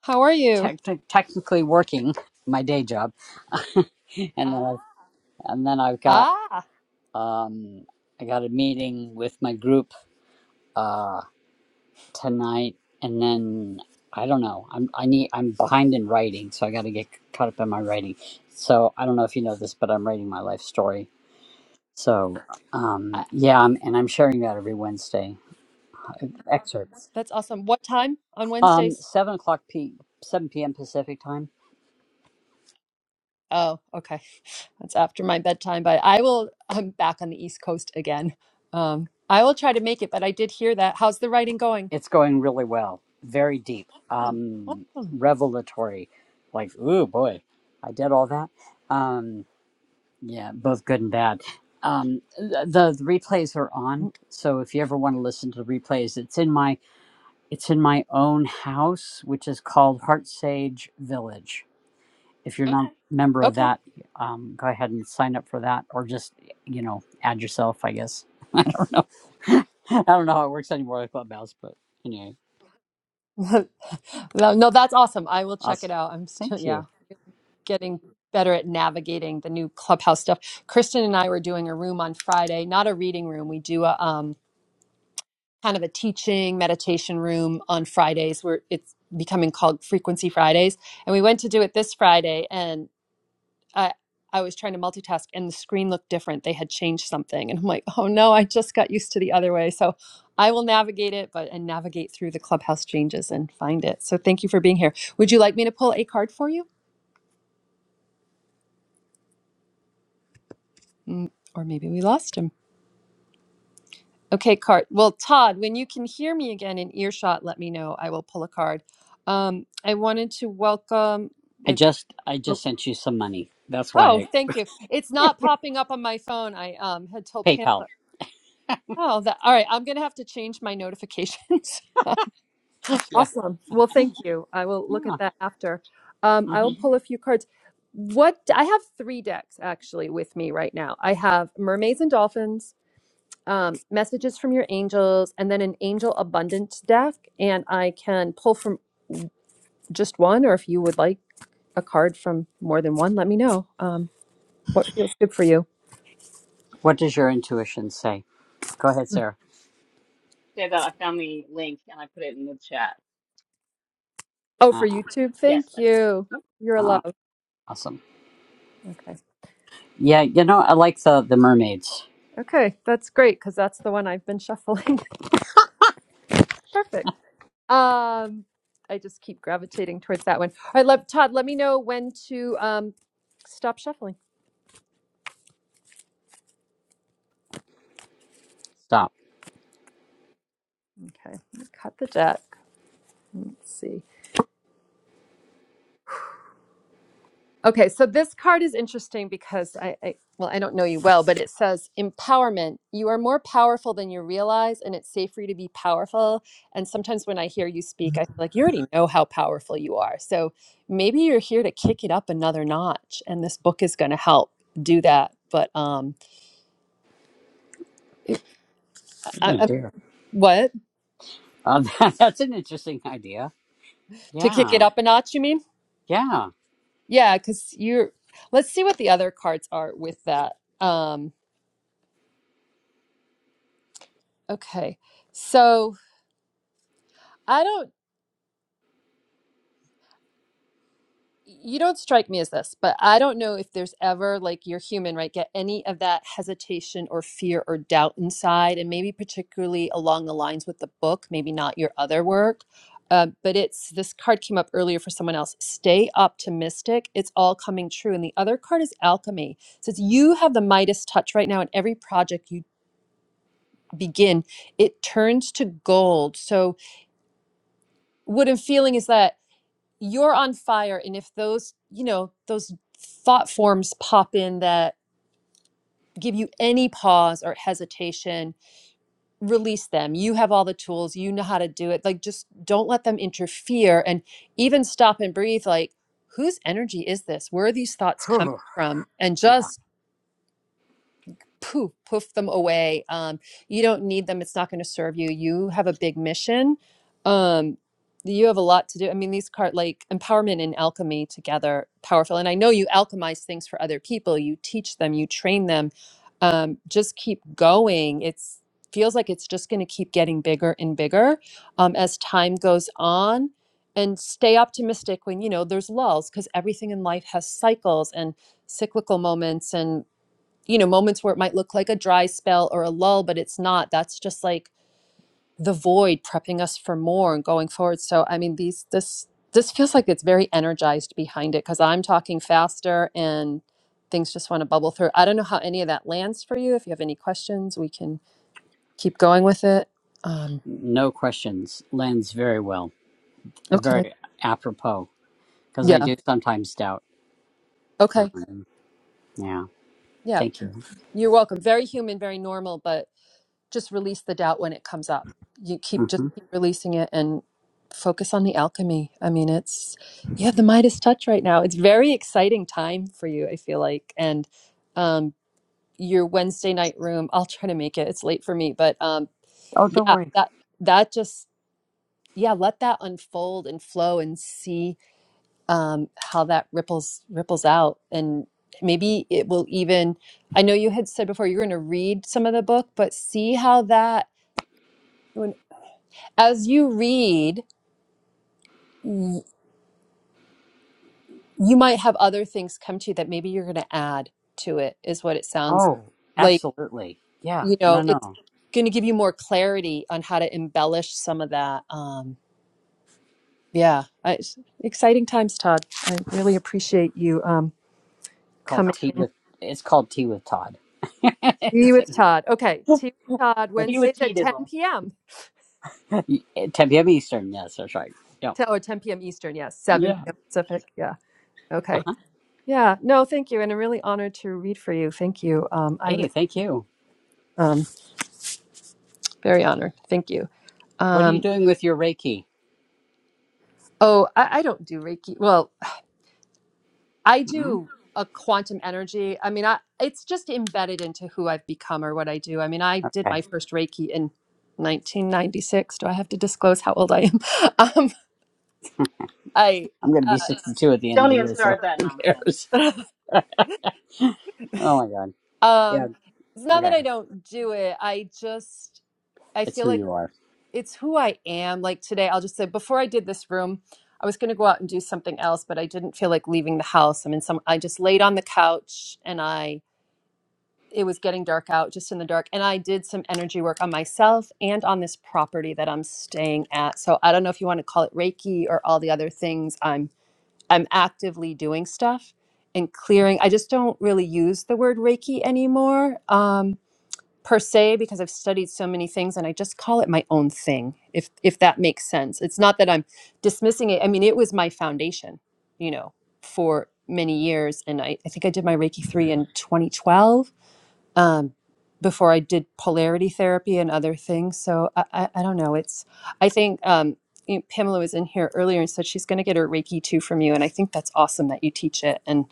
Speaker 1: How are you?
Speaker 9: Techni- technically working my day job, and then I've, and then I've got
Speaker 1: Ah,
Speaker 9: um, I got a meeting with my group uh, tonight, and then I don't know. I'm I need I'm behind in writing, so I got to get caught up in my writing. So I don't know if you know this, but I'm writing my life story. So um,
Speaker 1: I-
Speaker 9: yeah, I'm, and I'm sharing that every Wednesday uh, excerpts.
Speaker 1: that's awesome. What time on
Speaker 9: Um,
Speaker 1: Wednesdays?
Speaker 9: seven o'clock p. seven p.m. Pacific time
Speaker 1: Oh, okay. That's after my bedtime, but I will. I'm back on the East Coast again. Um, I will try to make it, but I did hear that. How's the writing going?
Speaker 9: It's going really well, very deep, um,
Speaker 1: Awesome.
Speaker 9: revelatory. Like, ooh, boy, I did all that. Um, yeah, both good and bad. Um, th- the, the replays are on,
Speaker 1: Mm,
Speaker 9: so if you ever want to listen to the replays, it's in my it's in my own house, which is called Heart Sage Village. If you're not a member of
Speaker 1: Okay.
Speaker 9: that, um, go ahead and sign up for that, or just you know add yourself. I guess I don't know. I don't know how it works anymore with Clubhouse, but anyway,
Speaker 1: no, no, that's awesome. I will check it
Speaker 9: awesome.
Speaker 1: out. I'm still,
Speaker 9: Thank you.
Speaker 1: yeah, getting better at navigating the new clubhouse stuff. Kristen and I were doing a room on Friday, not a reading room. We do a um, kind of a teaching meditation room on Fridays where it's becoming called Frequency Fridays. And we went to do it this Friday. and. I I was trying to multitask and the screen looked different. They had changed something. And I'm like, oh no, I just got used to the other way. So I will navigate it, but and navigate through the clubhouse changes and find it. So thank you for being here. Would you like me to pull a card for you? Mm, or maybe we lost him. Okay, card. Well, Todd, when you can hear me again in earshot, let me know. I will pull a card. Um, I wanted to welcome
Speaker 9: I
Speaker 1: with
Speaker 9: just I
Speaker 1: oh,
Speaker 9: just sent you some money. That's
Speaker 1: oh,
Speaker 9: why
Speaker 1: thank you. It's not popping up on my phone. I um had
Speaker 9: I,
Speaker 1: told Pamela.
Speaker 9: PayPal.
Speaker 1: Oh, that, all right. I'm going to have to change my notifications.
Speaker 9: Yeah.
Speaker 1: Awesome. Well, thank you. I will look at
Speaker 9: Yeah.
Speaker 1: that after. Um, I
Speaker 9: hmm
Speaker 1: will Mhm. pull a few cards. What I have three decks actually with me right now. I have Mermaids and Dolphins, um, Messages from Your Angels, and then an Angel Abundance deck. And I can pull from just one, or if you would like a card from more than one, let me know. Um, what feels good for you?
Speaker 9: What does your intuition say? Go ahead, Sarah.
Speaker 2: Say that I found the link and I put it in the chat.
Speaker 1: Oh,
Speaker 9: Uh,
Speaker 1: for YouTube.
Speaker 2: Yes,
Speaker 1: Thank
Speaker 2: I can.
Speaker 1: you. You're a
Speaker 9: uh,
Speaker 1: love.
Speaker 9: awesome.
Speaker 1: Okay.
Speaker 9: Yeah, you know I like the the mermaids.
Speaker 1: Okay, that's great because that's the one I've been shuffling. Perfect. Um, I just keep gravitating towards that one. All right, let, Todd, let me know when to um, stop shuffling.
Speaker 9: Stop.
Speaker 1: Okay, cut the deck. Let's see. Okay, so this card is interesting because I, I, well, I don't know you well, but it says empowerment. You are more powerful than you realize, and it's safe for you to be powerful. And sometimes when I hear you speak, I feel like you already know how powerful you are. So maybe you're here to kick it up another notch, and this book is going to help do that. But um, I,
Speaker 9: Oh
Speaker 1: I,
Speaker 9: dear.
Speaker 1: what
Speaker 9: Uh, that, that's an interesting idea.
Speaker 1: to kick
Speaker 9: Yeah.
Speaker 1: it up a notch? You mean?
Speaker 9: Yeah.
Speaker 1: Yeah, because you're. Let's see what the other cards are with that. Um, okay, so I don't. you don't strike me as this, but I don't know if there's ever like you're human, right? Get any of that hesitation or fear or doubt inside, and maybe particularly along the lines with the book, maybe not your other work. Um, but it's this card came up earlier for someone else. Stay optimistic. It's all coming true. And the other card is alchemy. It says you have the Midas touch right now in every project you begin, it turns to gold. So what I'm feeling is that you're on fire and if those you know those thought forms pop in that give you any pause or hesitation release them you have all the tools you know how to do it like just don't let them interfere and even stop and breathe like whose energy is this where are these thoughts coming
Speaker 9: Phew.
Speaker 1: from and
Speaker 9: Yeah.
Speaker 1: just poof, poof them away. Um, you don't need them. It's not going to serve you. You have a big mission. Um, you have a lot to do. I mean, these card like empowerment and alchemy together, powerful. And I know you alchemize things for other people. You teach them. You train them. Um, just keep going. It's feels like it's just going to keep getting bigger and bigger um, as time goes on. And stay optimistic when you know there's lulls because everything in life has cycles and cyclical moments and you know, moments where it might look like a dry spell or a lull, but it's not. That's just like the void prepping us for more and going forward. So I mean, these this this feels like it's very energized behind it because I'm talking faster and things just want to bubble through. I don't know how any of that lands for you. If you have any questions, we can keep going with it. Um,
Speaker 9: No questions. Lends very well. Uh,
Speaker 1: okay.
Speaker 9: Very apropos because I
Speaker 1: Yeah.
Speaker 9: do sometimes doubt.
Speaker 1: Okay.
Speaker 9: Um, yeah.
Speaker 1: Yeah.
Speaker 9: Thank you.
Speaker 1: You're welcome. Very human, very normal, but just release the doubt when it comes up. You keep just
Speaker 9: hmm
Speaker 1: keep releasing it and focus on the alchemy. I mean, it's you have the Midas touch right now. It's very exciting time for you, I feel like. And um your Wednesday night room, I'll try to make it. It's late for me, but um
Speaker 9: Oh, don't
Speaker 1: yeah,
Speaker 9: worry.
Speaker 1: that that just yeah, let that unfold and flow and see um how that ripples ripples out and maybe it will even I know you had said before you're going to read some of the book, but see how that as you read, y- you might have other things come to you that maybe you're going to add to it, is what it sounds
Speaker 9: Oh,
Speaker 1: like.
Speaker 9: absolutely. Yeah.
Speaker 1: You
Speaker 9: No,
Speaker 1: know, it's
Speaker 9: no.
Speaker 1: going to give you more clarity on how to embellish some of that. Um, yeah, I, it's exciting times, Todd. I really appreciate you um,
Speaker 9: called
Speaker 1: coming
Speaker 9: Tea
Speaker 1: in.
Speaker 9: with. It's called Tea with Todd.
Speaker 1: Tea
Speaker 9: it's,
Speaker 1: with Todd. Okay, tea with Todd
Speaker 2: Tea
Speaker 9: it's
Speaker 2: with
Speaker 1: Wednesdays
Speaker 2: tea
Speaker 1: at 10
Speaker 2: dizzle.
Speaker 1: p.m.
Speaker 9: ten p.m. Eastern. Yes, that's right. Yeah.
Speaker 1: To, oh, 10 p.m. Eastern. Yes, 7
Speaker 9: Yeah.
Speaker 1: p.m. Pacific. Yeah. Okay.
Speaker 9: Uh-huh.
Speaker 1: Yeah. No, thank you, and I'm really honored to read for you. Thank you. Um, I
Speaker 9: Hey,
Speaker 1: really.
Speaker 9: thank you.
Speaker 1: Um, Very honored. Thank you.
Speaker 9: What are you
Speaker 1: Um,
Speaker 9: doing with your Reiki?
Speaker 1: oh, I, I don't do Reiki. Well, I
Speaker 9: Hmm?
Speaker 1: do a quantum energy. I mean, I, it's just embedded into who I've become or what I do. I mean, I did
Speaker 9: Okay.
Speaker 1: my first Reiki in 1996. Do I have to disclose how old I am? Um, I,
Speaker 9: I'm going to be
Speaker 1: uh,
Speaker 9: 62 at the end of
Speaker 2: Don't
Speaker 9: the
Speaker 2: even
Speaker 9: year, so
Speaker 2: start that
Speaker 9: who
Speaker 2: nonsense.
Speaker 9: cares? Oh my God. Yeah.
Speaker 1: um, it's not that
Speaker 9: Okay.
Speaker 1: I don't do it. I just, I
Speaker 9: It's
Speaker 1: feel
Speaker 9: who
Speaker 1: like.
Speaker 9: you are.
Speaker 1: it's who I am. Like today, I'll just say before I did this room, I was going to go out and do something else, but I didn't feel like leaving the house. I mean, some I just laid on the couch and I it was getting dark out, just in the dark, and I did some energy work on myself and on this property that I'm staying at. So I don't know if you want to call it Reiki or all the other things. I'm I'm actively doing stuff and clearing. I just don't really use the word Reiki anymore. Um, per se because I've studied so many things and I just call it my own thing if if that makes sense. It's not that I'm dismissing it. I mean, it was my foundation, you know, for many years and I, I think I did my Reiki 3 in 2012 um, before I did polarity therapy and other things. So I, I, I don't know. It's I think um, you know, Pamela was in here earlier and said she's going to get her Reiki 2 from you and I think that's awesome that you teach it and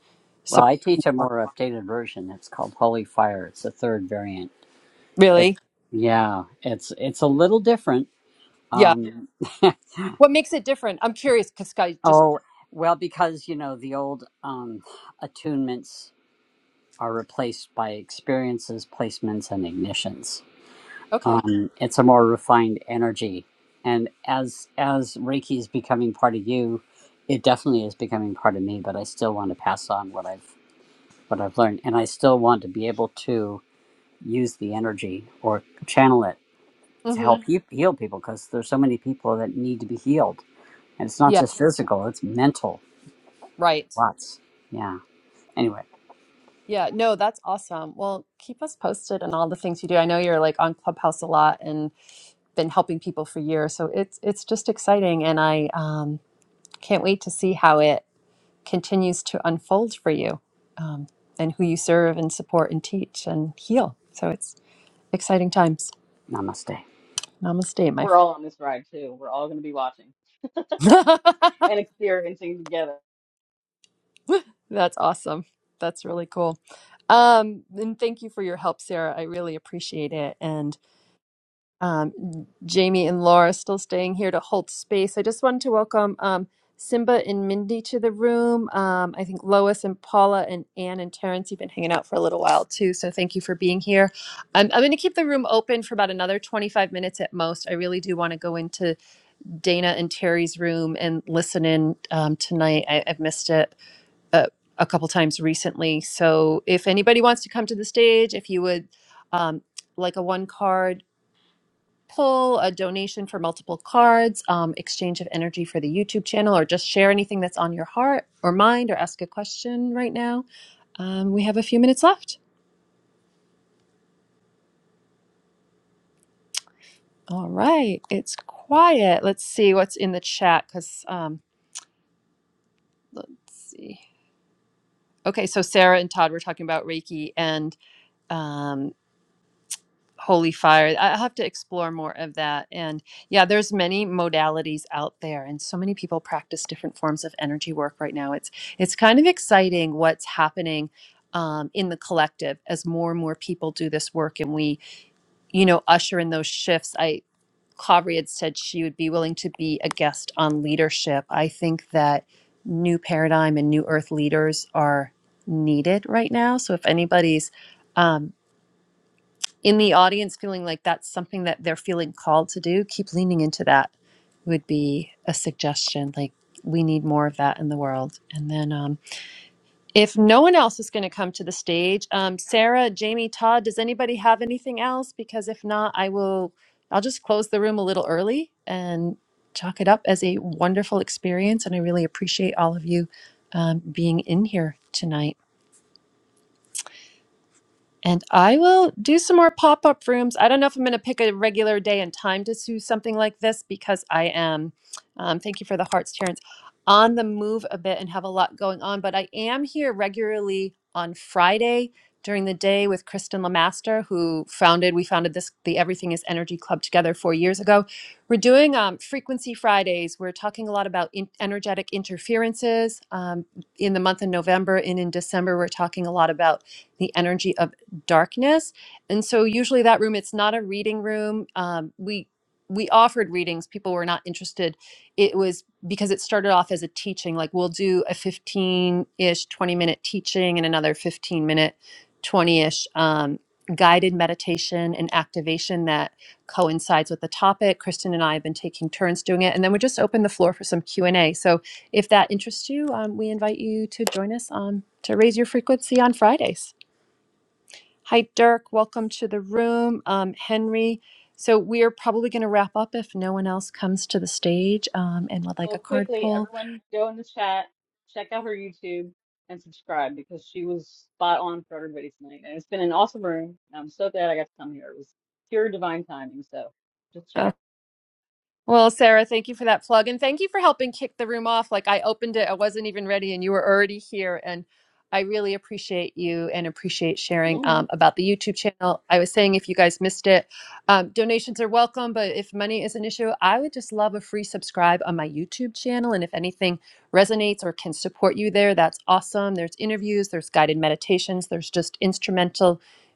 Speaker 9: Well, I
Speaker 1: support
Speaker 9: teach a
Speaker 1: people.
Speaker 9: more updated version. It's called Holy Fire. It's the third variant. It's
Speaker 1: Really?
Speaker 9: yeah. It's it's a little different.
Speaker 1: Yeah.
Speaker 9: Um,
Speaker 1: What makes it different? I'm curious because
Speaker 9: Oh, well, because, you know, the old um, attunements are replaced by experiences, placements, and ignitions.
Speaker 1: Okay.
Speaker 9: Um, it's a more refined energy. And as as Reiki is becoming part of you, it definitely is becoming part of me, but I still want to pass on what I've what I've learned. And I still want to be able to use the energy or channel it to
Speaker 1: Mm-hmm.
Speaker 9: help you heal people because there's so many people that need to be healed. And it's not
Speaker 1: Yeah,
Speaker 9: just physical, it's mental.
Speaker 1: right.
Speaker 9: Lots. Yeah. Anyway,
Speaker 1: Yeah, no, that's awesome. Well, keep us posted on all the things you do. I know you're like on Clubhouse a lot and been helping people for years, so it's it's just exciting, and I um, can't wait to see how it continues to unfold for you, um, and who you serve and support and teach and heal. So it's exciting times.
Speaker 9: namaste.
Speaker 1: Namaste, my
Speaker 2: We're
Speaker 1: friend.
Speaker 2: all on this ride too. We're all gonna be watching and experiencing together.
Speaker 1: That's awesome. That's really cool. Um, and thank you for your help, Sarah. I really appreciate it, and. um, Jamie and Laura still staying here to hold space. I just wanted to welcome um, Simba and Mindy to the room. Um, I think Lois and Paula and Anne and Terrence, you've been hanging out for a little while too. So thank you for being here. I'm, I'm going to keep the room open for about another 25 minutes at most. I really do want to go into Dana and Terry's room and listen in um, tonight. I, I've missed it. Uh, a couple times recently. So, if anybody wants to come to the stage, if you would um, like a one card poll, a donation for multiple cards, um, exchange of energy for the YouTube channel, or just share anything that's on your heart or mind or ask a question right now. Um, we have a few minutes left. All right, it's quiet. Let's see what's in the chat because um, let's see. Okay, so Sarah and Todd were talking about Reiki and um, holy fire I- i'll have to explore more of that and yeah there's many modalities out there and so many people practice different forms of energy work right now it's it's kind of exciting what's happening um, in the collective as more and more people do this work and we you know usher in those shifts i Kavri had said she would be willing to be a guest on leadership i think that new paradigm and new earth leaders are needed right now so if anybody's um, in the audience feeling like that's something that they're feeling called to do, keep leaning into that would be a suggestion. Like, we need more of that in the world. And then, um, if no one else is going to come to the stage, um, Sarah, Jamie, Todd, does anybody have anything else? Because if not, I will, I'll just close the room a little early and chalk it up as a wonderful experience. And I really appreciate all of you um, being in here tonight. And I will do some more pop up rooms. I don't know if I'm going to pick a regular day and time to do something like this because I am, um, thank you for the hearts, Terrence, on the move a bit and have a lot going on. But I am here regularly on Friday during the day with Kristen Lamaster, who founded, we founded this, the Everything is Energy Club together four years ago. We're doing um, Frequency Fridays. We're talking a lot about in- energetic interferences. Um, in the month of November and in December, we're talking a lot about the energy of darkness and so usually that room it's not a reading room um, we we offered readings people were not interested it was because it started off as a teaching like we'll do a 15-ish 20 minute teaching and another 15 minute 20-ish um, guided meditation and activation that coincides with the topic kristen and i have been taking turns doing it and then we just open the floor for some q&a so if that interests you um, we invite you to join us um, to raise your frequency on fridays Hi, Dirk. Welcome to the room. Um, Henry. So, we are probably going to wrap up if no one else comes to the stage um, and would like
Speaker 2: Well,
Speaker 1: a card
Speaker 2: quickly,
Speaker 1: pull.
Speaker 2: everyone go in the chat, check out her YouTube, and subscribe because she was spot on for everybody tonight. And it's been an awesome room. and I'm so glad I got to come here. It was pure divine timing. So just check it.
Speaker 1: Well, Sarah, thank you for that plug. And thank you for helping kick the room off. Like I opened it, I wasn't even ready, and you were already here. And I really appreciate you and appreciate sharing
Speaker 2: out
Speaker 1: um, about the YouTube channel. I was saying, if you guys missed it, um, donations are welcome. But if money is an issue, I would just love a free subscribe on my YouTube channel. And if anything resonates or can support you there, that's awesome. There's interviews, there's guided meditations, there's just instrumental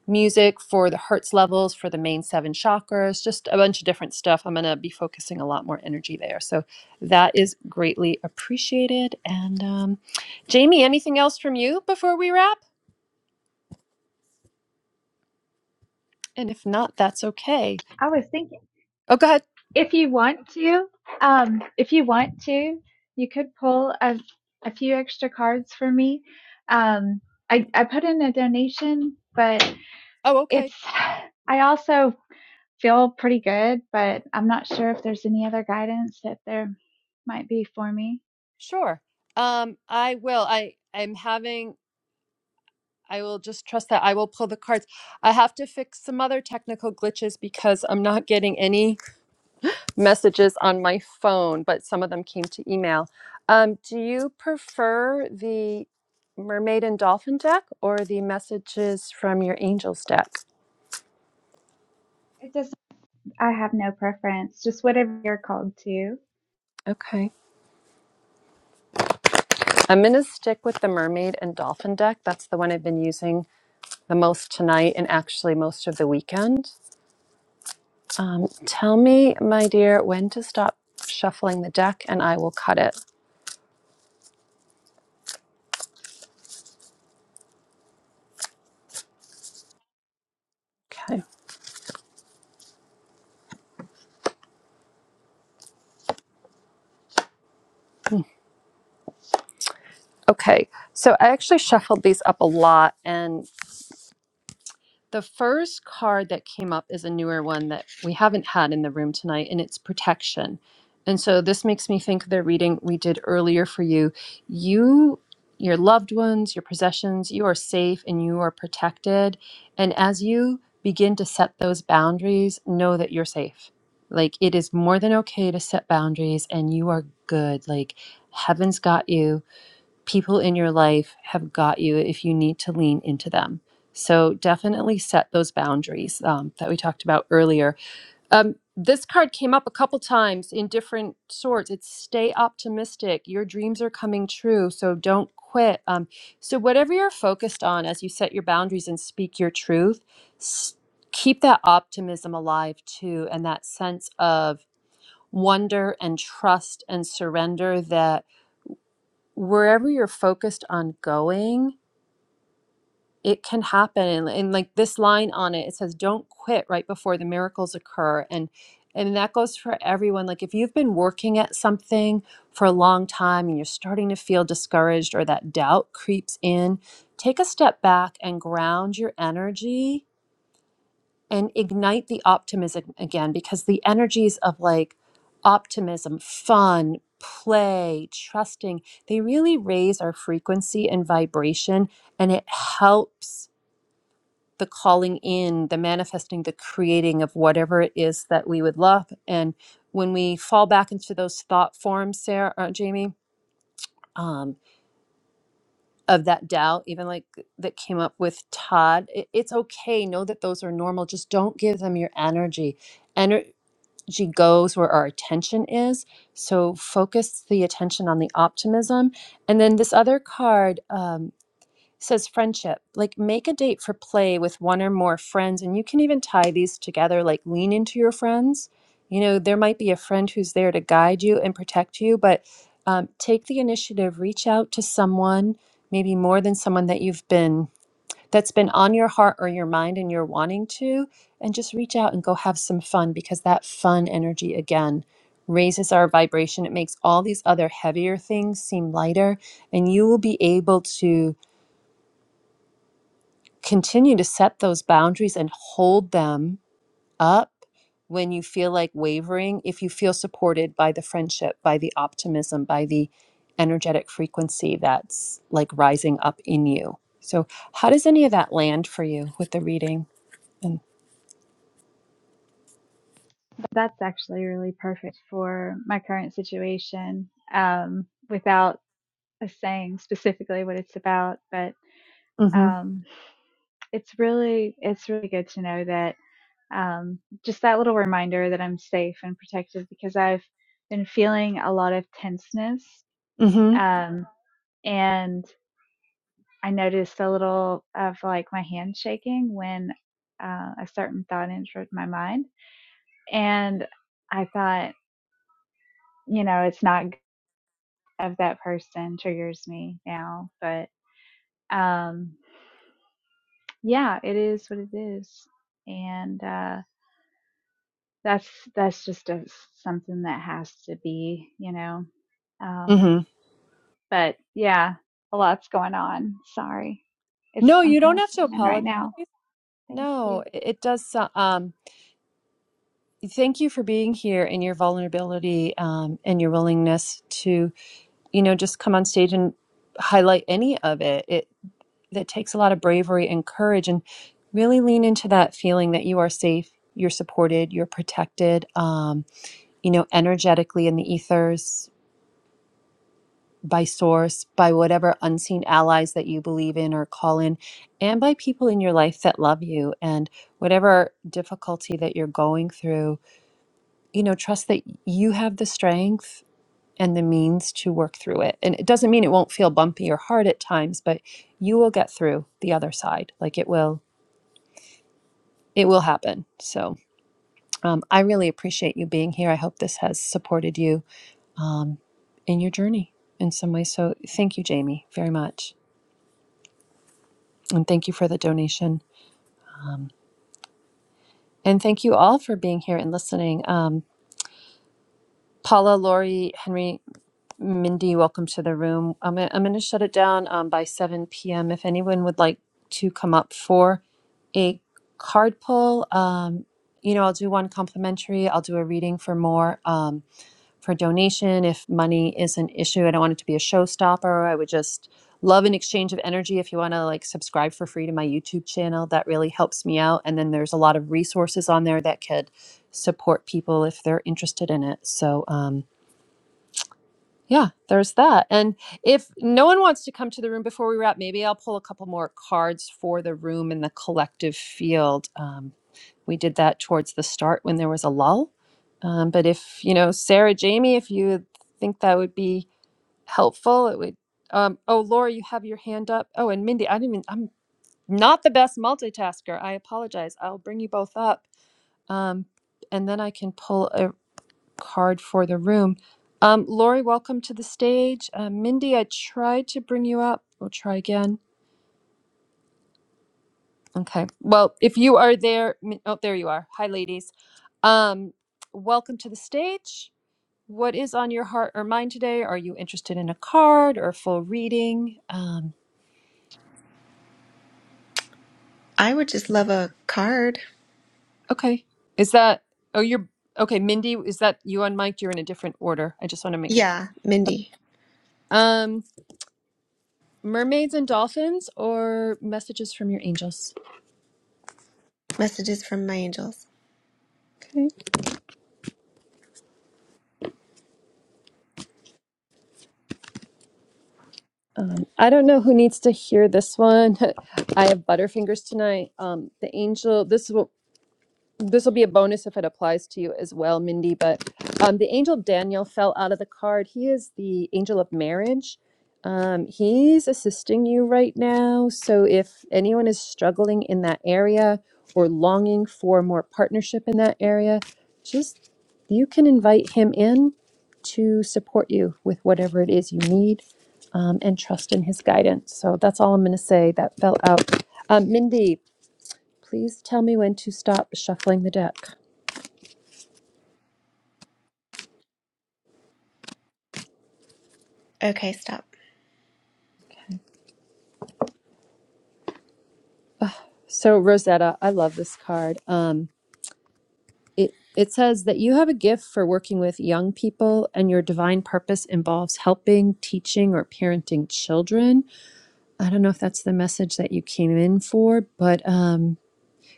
Speaker 1: music for the hertz levels for the main seven chakras, just a bunch of different stuff. I'm going to be focusing a lot more energy there. So that is greatly appreciated. And um, Jamie, anything else from you before we wrap? And if not, that's okay.
Speaker 8: I was thinking.
Speaker 1: Oh, go ahead.
Speaker 8: if you want to, um, if you want to, you could pull a, a few extra cards for me. Um, I, I put in a donation, but
Speaker 1: Oh, okay.
Speaker 8: it's, I also feel pretty good, but I'm not sure if there's any other guidance that there might be for me.
Speaker 1: Sure. Um, I will. I I'm having. I will just trust that I will pull the cards. I have to fix some other technical glitches because I'm not getting any messages on my phone, but some of them came to email. Um, do you prefer the mermaid and dolphin deck or the messages from your angels deck?
Speaker 8: It doesn't, I have no preference, just whatever you're called to.
Speaker 1: Okay. I'm going to stick with the mermaid and dolphin deck. That's the one I've been using the most tonight and actually most of the weekend. Um, tell me, my dear, when to stop shuffling the deck and I will cut it. Okay. Okay. So I actually shuffled these up a lot and The first card that came up is a newer one that we haven't had in the room tonight, and it's protection. And so this makes me think of the reading we did earlier for you. You, your loved ones, your possessions, you are safe and you are protected. And as you begin to set those boundaries, know that you're safe. Like it is more than okay to set boundaries, and you are good. Like heaven's got you people in your life have got you if you need to lean into them. So definitely set those boundaries um, that we talked about earlier. Um, this card came up a couple times in different sorts. It's stay optimistic. Your dreams are coming true, so don't quit. Um, so whatever you're focused on as you set your boundaries and speak your truth, s- keep that optimism alive too, and that sense of wonder and trust and surrender that wherever you're focused on going, it can happen. And, and like this line on it, it says, "Don't quit right before the miracles occur." And and that goes for everyone. Like if you've been working at something for a long time and you're starting to feel discouraged or that doubt creeps in, take a step back and ground your energy and ignite the optimism again because the energies of like optimism, fun, play, trusting, they really raise our frequency and vibration and it helps the calling in, the manifesting, the creating of whatever it is that we would love. And when we fall back into those thought forms, Sarah, uh, Jamie, um, of that doubt, even like that came up with Todd, it- it's okay. Know that those are normal. Just don't give them your energy she goes where our attention is. So focus the attention on the optimism. And then this other card um, says friendship. Like make a date for play with one or more friends. And you can even tie these together, like lean into your friends. You know, there might be a friend who's there to guide you and protect you, but um, take the initiative, reach out to someone, maybe more than someone that you've been that's been on your heart or your mind and you're wanting to, and just reach out and go have some fun because that fun energy again raises our vibration. It makes all these other heavier things seem lighter, and you will be able to continue to set those boundaries and hold them up when you feel like wavering, if you feel supported by the friendship, by the optimism, by the energetic frequency that's like rising up in you. So, how does any of that land for you with the reading?
Speaker 8: That's actually really perfect for my current situation um, without a saying specifically what it's about, but
Speaker 1: Mm-hmm.
Speaker 8: um, it's really it's really good to know that um, just that little reminder that I'm safe and protected because I've been feeling a lot of tenseness,
Speaker 1: Mm-hmm.
Speaker 8: um, and I noticed a little of like my hand shaking when uh, a certain thought entered my mind, and I thought, you know, it's not good of that person triggers me now, but. Um, yeah, it is what it is, and uh, that's that's just a, something that has to be, you know. Um,
Speaker 1: Mm-hmm.
Speaker 8: but yeah, a lot's going on. Sorry, it's
Speaker 1: No,
Speaker 8: I'm
Speaker 1: you
Speaker 8: kind
Speaker 1: don't
Speaker 8: of
Speaker 1: have to
Speaker 8: swimming right
Speaker 1: apologize.
Speaker 8: now. Thank you.
Speaker 1: No, it it does. so- Um, thank you for being here and your vulnerability um, and your willingness to, you know, just come on stage and highlight any of it. It that takes a lot of bravery and courage, and really lean into that feeling that you are safe, you're supported, you're protected. Um, you know, energetically in the ethers. by source, by whatever unseen allies that you believe in or call in, and by people in your life that love you. And whatever difficulty that you're going through, you know, trust that you have the strength and the means to work through it. And it doesn't mean it won't feel bumpy or hard at times, but you will get through the other side. Like it will, it will happen. So um, I really appreciate you being here. I hope this has supported you um, in your journey in some way. So thank you, Jamie, very much. And thank you for the donation. And thank you all for being here and listening. Um, Paula, Lori, Henry, Mindy, welcome to the room. I'm, gonna- I'm going to shut it down um, by 7 p.m. If anyone would like to come up for a card pull, um, you know, I'll do one complimentary, I'll do a reading for more. Um, for donation if money is an issue. I don't want it to be a showstopper. I would just love an exchange of energy if you want to like subscribe for free to my YouTube channel. That really helps me out. And then there's a lot of resources on there that could support people if they're interested in it. So, um, yeah, there's that. And if no one wants to come to the room before we wrap, maybe I'll pull a couple more cards for the room and the collective field. Um, we did that towards the start when there was a lull. Um, but if you know Sarah, Jamie, if you think that would be helpful, it would. Um, oh, Laura, you have your hand up. Oh, and Mindy, I didn't even. I'm not the best multitasker. I apologize. I'll bring you both up, um, and then I can pull a card for the room. Um, Lori, welcome to the stage. Uh, Mindy, I tried to bring you up. We'll try again. Okay. Well, if you are there, Min- oh, there you are. Hi, ladies. Um, welcome to the stage. What is on your heart or mind today? Are you interested in a card or a full reading? Um,
Speaker 10: I would just love a card.
Speaker 1: okay. Is that, oh, you're, okay, Mindy, is that you on mic? You're in a different order. I just want to make sure.
Speaker 10: Yeah, Mindy.
Speaker 1: Um, mermaids and dolphins or messages from your angels?
Speaker 10: Messages from my angels.
Speaker 1: Okay. Um, I don't know who needs to hear this one. I have butterfingers tonight. Um, the angel, this is what. this will be a bonus if it applies to you as well, Mindy. But um, the angel Daniel fell out of the card. He is the angel of marriage. Um, he's assisting you right now. So if anyone is struggling in that area or longing for more partnership in that area, just you can invite him in to support you with whatever it is you need um, and trust in his guidance. So that's all I'm going to say. That fell out. Um, Mindy, Please tell me when to stop shuffling the deck.
Speaker 10: Okay, stop.
Speaker 1: So, Rosetta, I love this card. Um, it, it says that you have a gift for working with young people, and your divine purpose involves helping, teaching, or parenting children. I don't know if that's the message that you came in for, but um,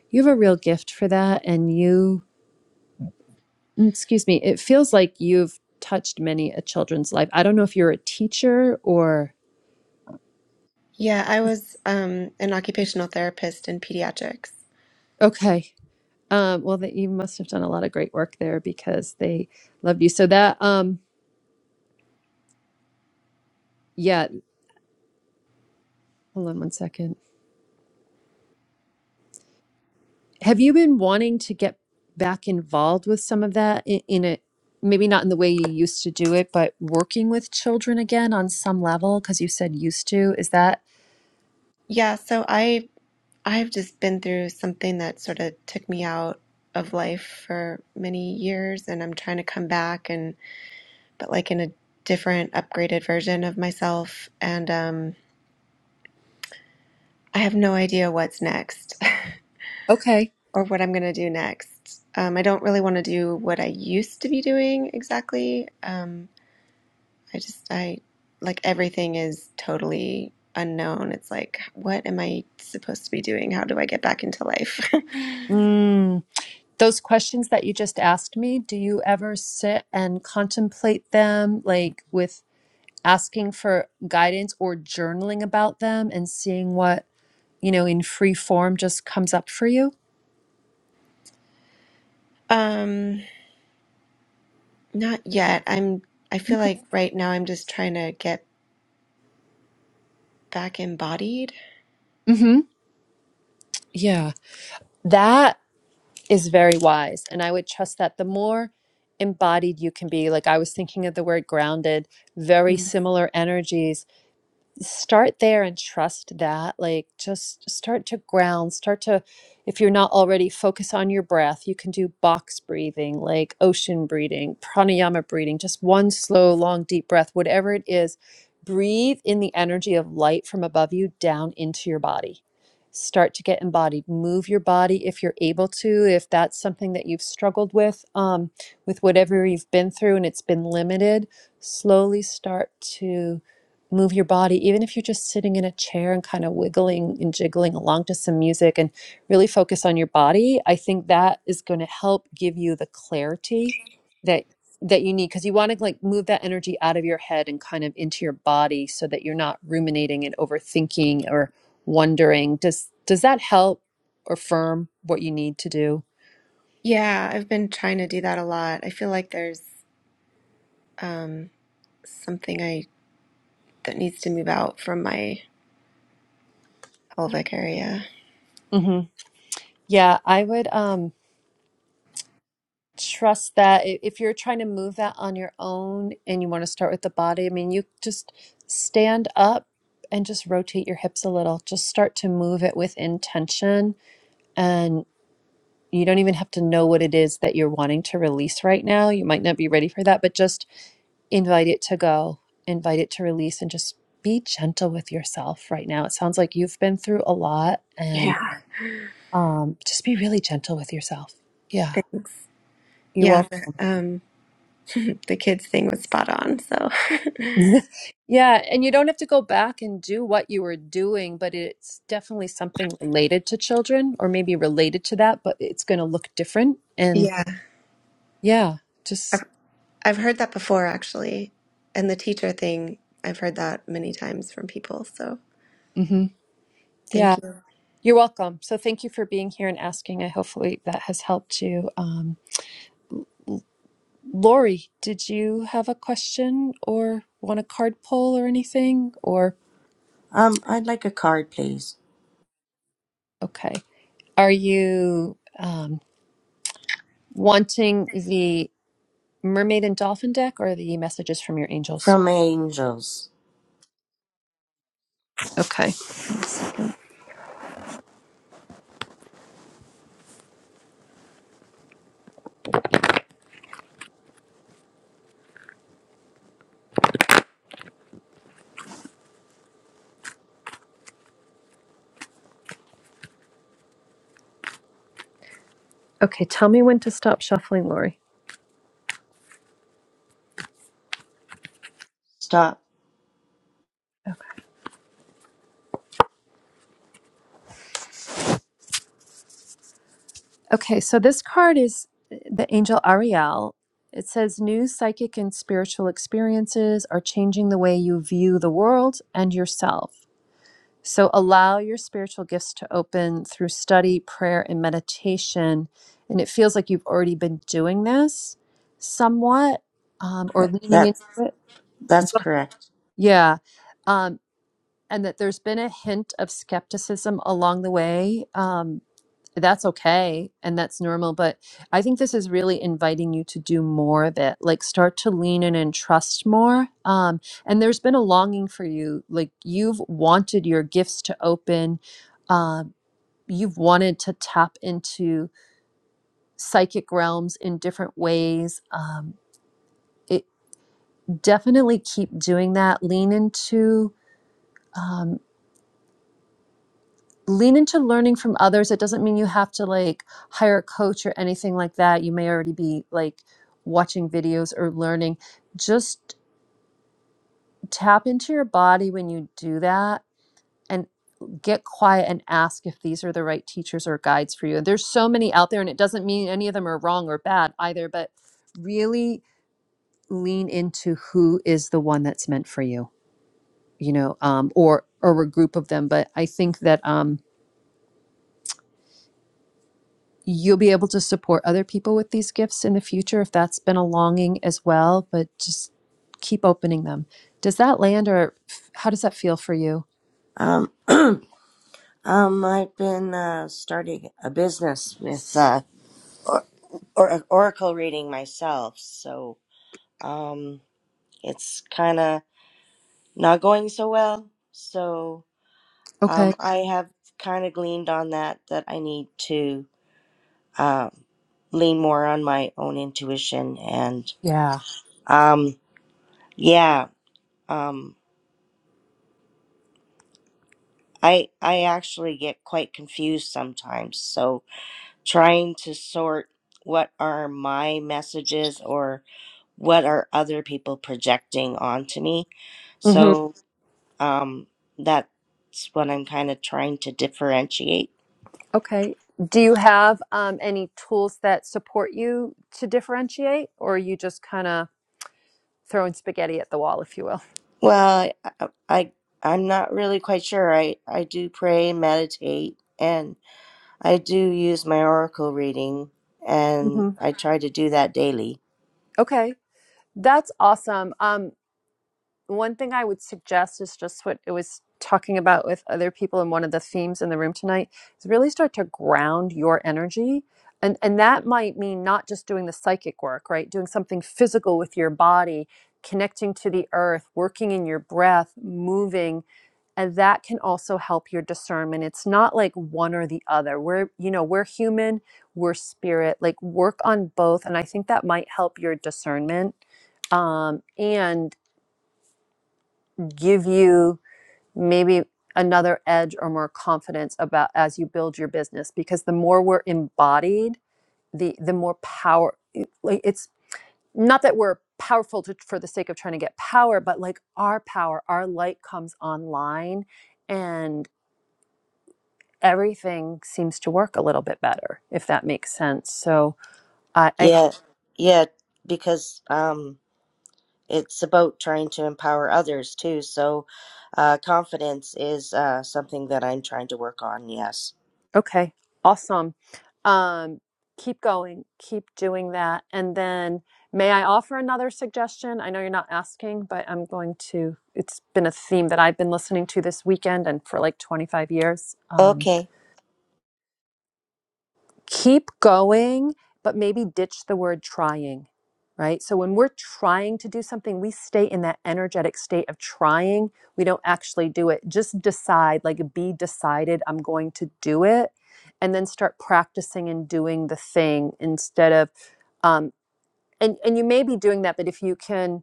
Speaker 1: you have a real gift for that. And you, mm, excuse me, it feels like you've touched many a children's life. I don't know if you're a teacher or,
Speaker 10: Yeah, I was um an occupational therapist in pediatrics.
Speaker 1: okay, Um, well, that you must have done a lot of great work there because they loved you. So that, um, yeah. Hold on one second. Have you been wanting to get back involved with some of that in, in a maybe not in the way you used to do it, but working with children again on some level? Because you said used to. Is that
Speaker 10: Yeah, so I I've just been through something that sort of took me out of life for many years and I'm trying to come back and but like in a different upgraded version of myself and um I have no idea what's next.
Speaker 1: okay?
Speaker 10: or what I'm going to do next. Um, I don't really want to do what I used to be doing exactly. Um, I just, I like everything is totally unknown. It's like, what am I supposed to be doing? How do I get back into life?
Speaker 1: Mm. Those questions that you just asked me, do you ever sit and contemplate them, like with asking for guidance or journaling about them and seeing what? you know, in free form just comes up for you.
Speaker 10: um, not yet. I'm, I feel like right now I'm just trying to get back embodied.
Speaker 1: hmm Yeah. That is very wise. And I would trust that the more embodied you can be, like I was thinking of the word grounded, very
Speaker 10: Mm.
Speaker 1: similar energies start there and trust that like just start to ground start to if you're not already focus on your breath you can do box breathing like ocean breathing pranayama breathing just one slow long deep breath whatever it is breathe in the energy of light from above you down into your body start to get embodied move your body if you're able to if that's something that you've struggled with um, with whatever you've been through and it's been limited slowly start to move your body, even if you're just sitting in a chair and kind of wiggling and jiggling along to some music and really focus on your body, I think that is going to help give you the clarity that that you need because you want to like move that energy out of your head and kind of into your body so that you're not ruminating and overthinking or wondering does does that help affirm what you need to do
Speaker 10: Yeah, I've been trying to do that a lot. I feel like there's um, something I that needs to move out from my pelvic area.
Speaker 1: hmm yeah i would um trust that i- if you're trying to move that on your own and you want to start with the body, I mean, you just stand up and just rotate your hips a little. Just start to move it with intention. And you don't even have to know what it is that you're wanting to release right now. You might not be ready for that, but just invite it to go, invite it to release, and just be gentle with yourself right now. It sounds like you've been through a lot
Speaker 10: Yeah.
Speaker 1: and
Speaker 10: Yeah,
Speaker 1: um, just be really gentle with yourself. Yeah
Speaker 10: thanks.
Speaker 1: you're
Speaker 10: Yeah, the um the kids thing was spot on. So
Speaker 1: Yeah, and you don't have to go back and do what you were doing, but it's definitely something related to children or maybe related to that, but it's going to look different. And
Speaker 10: yeah,
Speaker 1: yeah,
Speaker 10: I've,
Speaker 1: just
Speaker 10: I've heard that before actually, and the teacher thing I've heard that many times from people. So
Speaker 1: hmm
Speaker 10: thank
Speaker 1: yeah.
Speaker 10: you.
Speaker 1: You're welcome. So thank you for being here and asking. I hopefully that has helped you. Um, Lori, did you have a question or want a card pull or anything? Or
Speaker 11: Um, I'd like a card, please.
Speaker 1: okay, are you um, wanting the mermaid and dolphin deck or the messages from your angels?
Speaker 11: From Angels.
Speaker 1: Okay. Okay. Tell me when to stop shuffling, Lori.
Speaker 11: Stop.
Speaker 1: Okay. So this card is uh, the angel Ariel. It says new psychic and spiritual experiences are changing the way you view the world and yourself. So allow your spiritual gifts to open through study, prayer, and meditation. And it feels like you've already been doing this somewhat um, or leaning into
Speaker 11: That's
Speaker 1: it.
Speaker 11: that's
Speaker 1: But-
Speaker 11: correct.
Speaker 1: Yeah. Um, and that there's been a hint of skepticism along the way. Um, that's okay and that's normal but i think this is really inviting you to do more of it like start to lean in and trust more um and there's been a longing for you like you've wanted your gifts to open um you've wanted to tap into psychic realms in different ways um it definitely keep doing that lean into um, lean into learning from others. It doesn't mean you have to like hire a coach or anything like that. You may already be like watching videos or learning. Just tap into your body when you do that and get quiet and ask if these are the right teachers or guides for you. And there's so many out there, and it doesn't mean any of them are wrong or bad either, but really lean into who is the one that's meant for you you know um, or or a group of them but i think that um, you'll be able to support other people with these gifts in the future if that's been a longing as well, but just keep opening them. Does that land or how does that feel for you?
Speaker 11: Um, um, I've been uh, starting a business with uh, or, or oracle reading myself, so um, it's kind of not going so well. So um,
Speaker 1: Okay.
Speaker 11: I have kind of gleaned on that that I need to uh, lean more on my own intuition and
Speaker 1: Yeah.
Speaker 11: um, yeah. um. I I actually get quite confused sometimes. So trying to sort what are my messages or what are other people projecting onto me.
Speaker 1: hmm
Speaker 11: So um that's what I'm kind of trying to differentiate.
Speaker 1: Okay. Do you have um, any tools that support you to differentiate, or are you just kind of throwing spaghetti at the wall, if you will?
Speaker 11: Well, I, I I- I'm not really quite sure. I I do pray, meditate, and I do use my oracle reading and
Speaker 1: hmm
Speaker 11: I try to do that daily.
Speaker 1: Okay. That's awesome. Um, one thing I would suggest is just what it was talking about with other people and one of the themes in the room tonight is really start to ground your energy. And and that might mean not just doing the psychic work, right? Doing something physical with your body, connecting to the earth, working in your breath, moving, and that can also help your discernment. It's not like one or the other. We're, you know, we're human, we're spirit. Like work on both and I think that might help your discernment um, and give you maybe another edge or more confidence about as you build your business because the more we're embodied the the more power like it's not that we're powerful to, for the sake of trying to get power but like our power our light comes online and everything seems to work a little bit better if that makes sense so i, I
Speaker 11: Yeah. Yeah, because um it's about trying to empower others too. So, uh, confidence is uh, something that I'm trying to work on. Yes.
Speaker 1: Okay, awesome. Um, keep going, keep doing that. And then, may I offer another suggestion? I know you're not asking, but I'm going to. It's been a theme that I've been listening to this weekend and for like 25 years. Um,
Speaker 11: Okay.
Speaker 1: keep going, but maybe ditch the word trying, right? So when we're trying to do something, we stay in that energetic state of trying. We don't actually do it. Just decide, like be decided, I'm going to do it. And then start practicing and doing the thing instead of, um, and, and you may be doing that, but if you can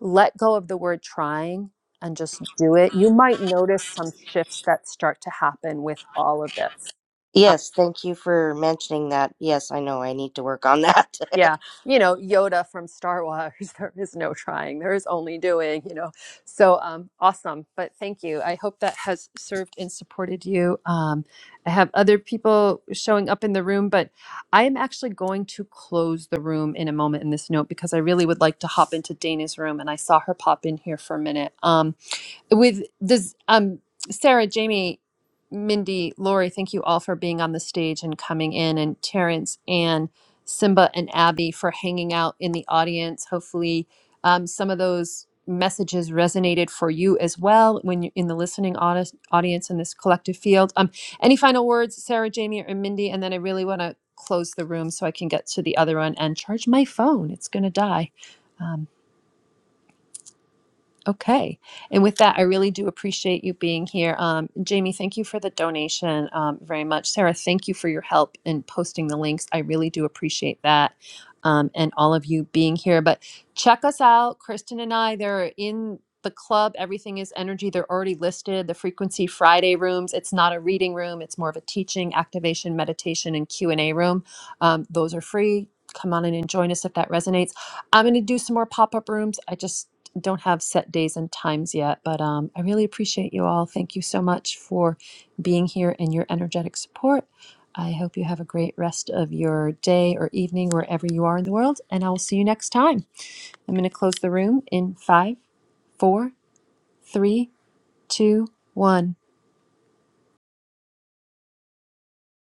Speaker 1: let go of the word trying and just do it, you might notice some shifts that start to happen with all of this.
Speaker 11: Yes. Thank you for mentioning that. Yes, I know I need to work on that.
Speaker 1: Yeah. You know, Yoda from Star Wars, there is no trying, there is only doing, you know. So um, awesome. But thank you. I hope that has served and supported you. Um, I have other people showing up in the room, but I am actually going to close the room in a moment in this note because I really would like to hop into Dana's room. And I saw her pop in here for a minute. Um, with does um Sarah, Jamie, Mindy, Lori, thank you all for being on the stage and coming in, and Terrence and Simba and Abby for hanging out in the audience. Hopefully, um, some of those messages resonated for you as well when you're in the listening audi- audience in this collective field. Um, any final words, Sarah, Jamie, or Mindy? And then I really want to close the room so I can get to the other one and charge my phone. It's going to die. Um, Okay. And with that, I really do appreciate you being here. Um, Jamie, thank you for the donation um, very much. Sarah, thank you for your help in posting the links. I really do appreciate that um, and all of you being here. But check us out. Kristen and I, they're in the club. Everything is energy. They're already listed. The frequency Friday rooms. It's not a reading room. It's more of a teaching, activation, meditation, and Q and A room. Um, those are free. Come on in and join us if that resonates. I'm going to do some more pop up rooms. I just don't have set days and times yet, but um, I really appreciate you all. Thank you so much for being here and your energetic support. I hope you have a great rest of your day or evening wherever you are in the world, and I will see you next time. I'm going to close the room in five, four, three, two, one.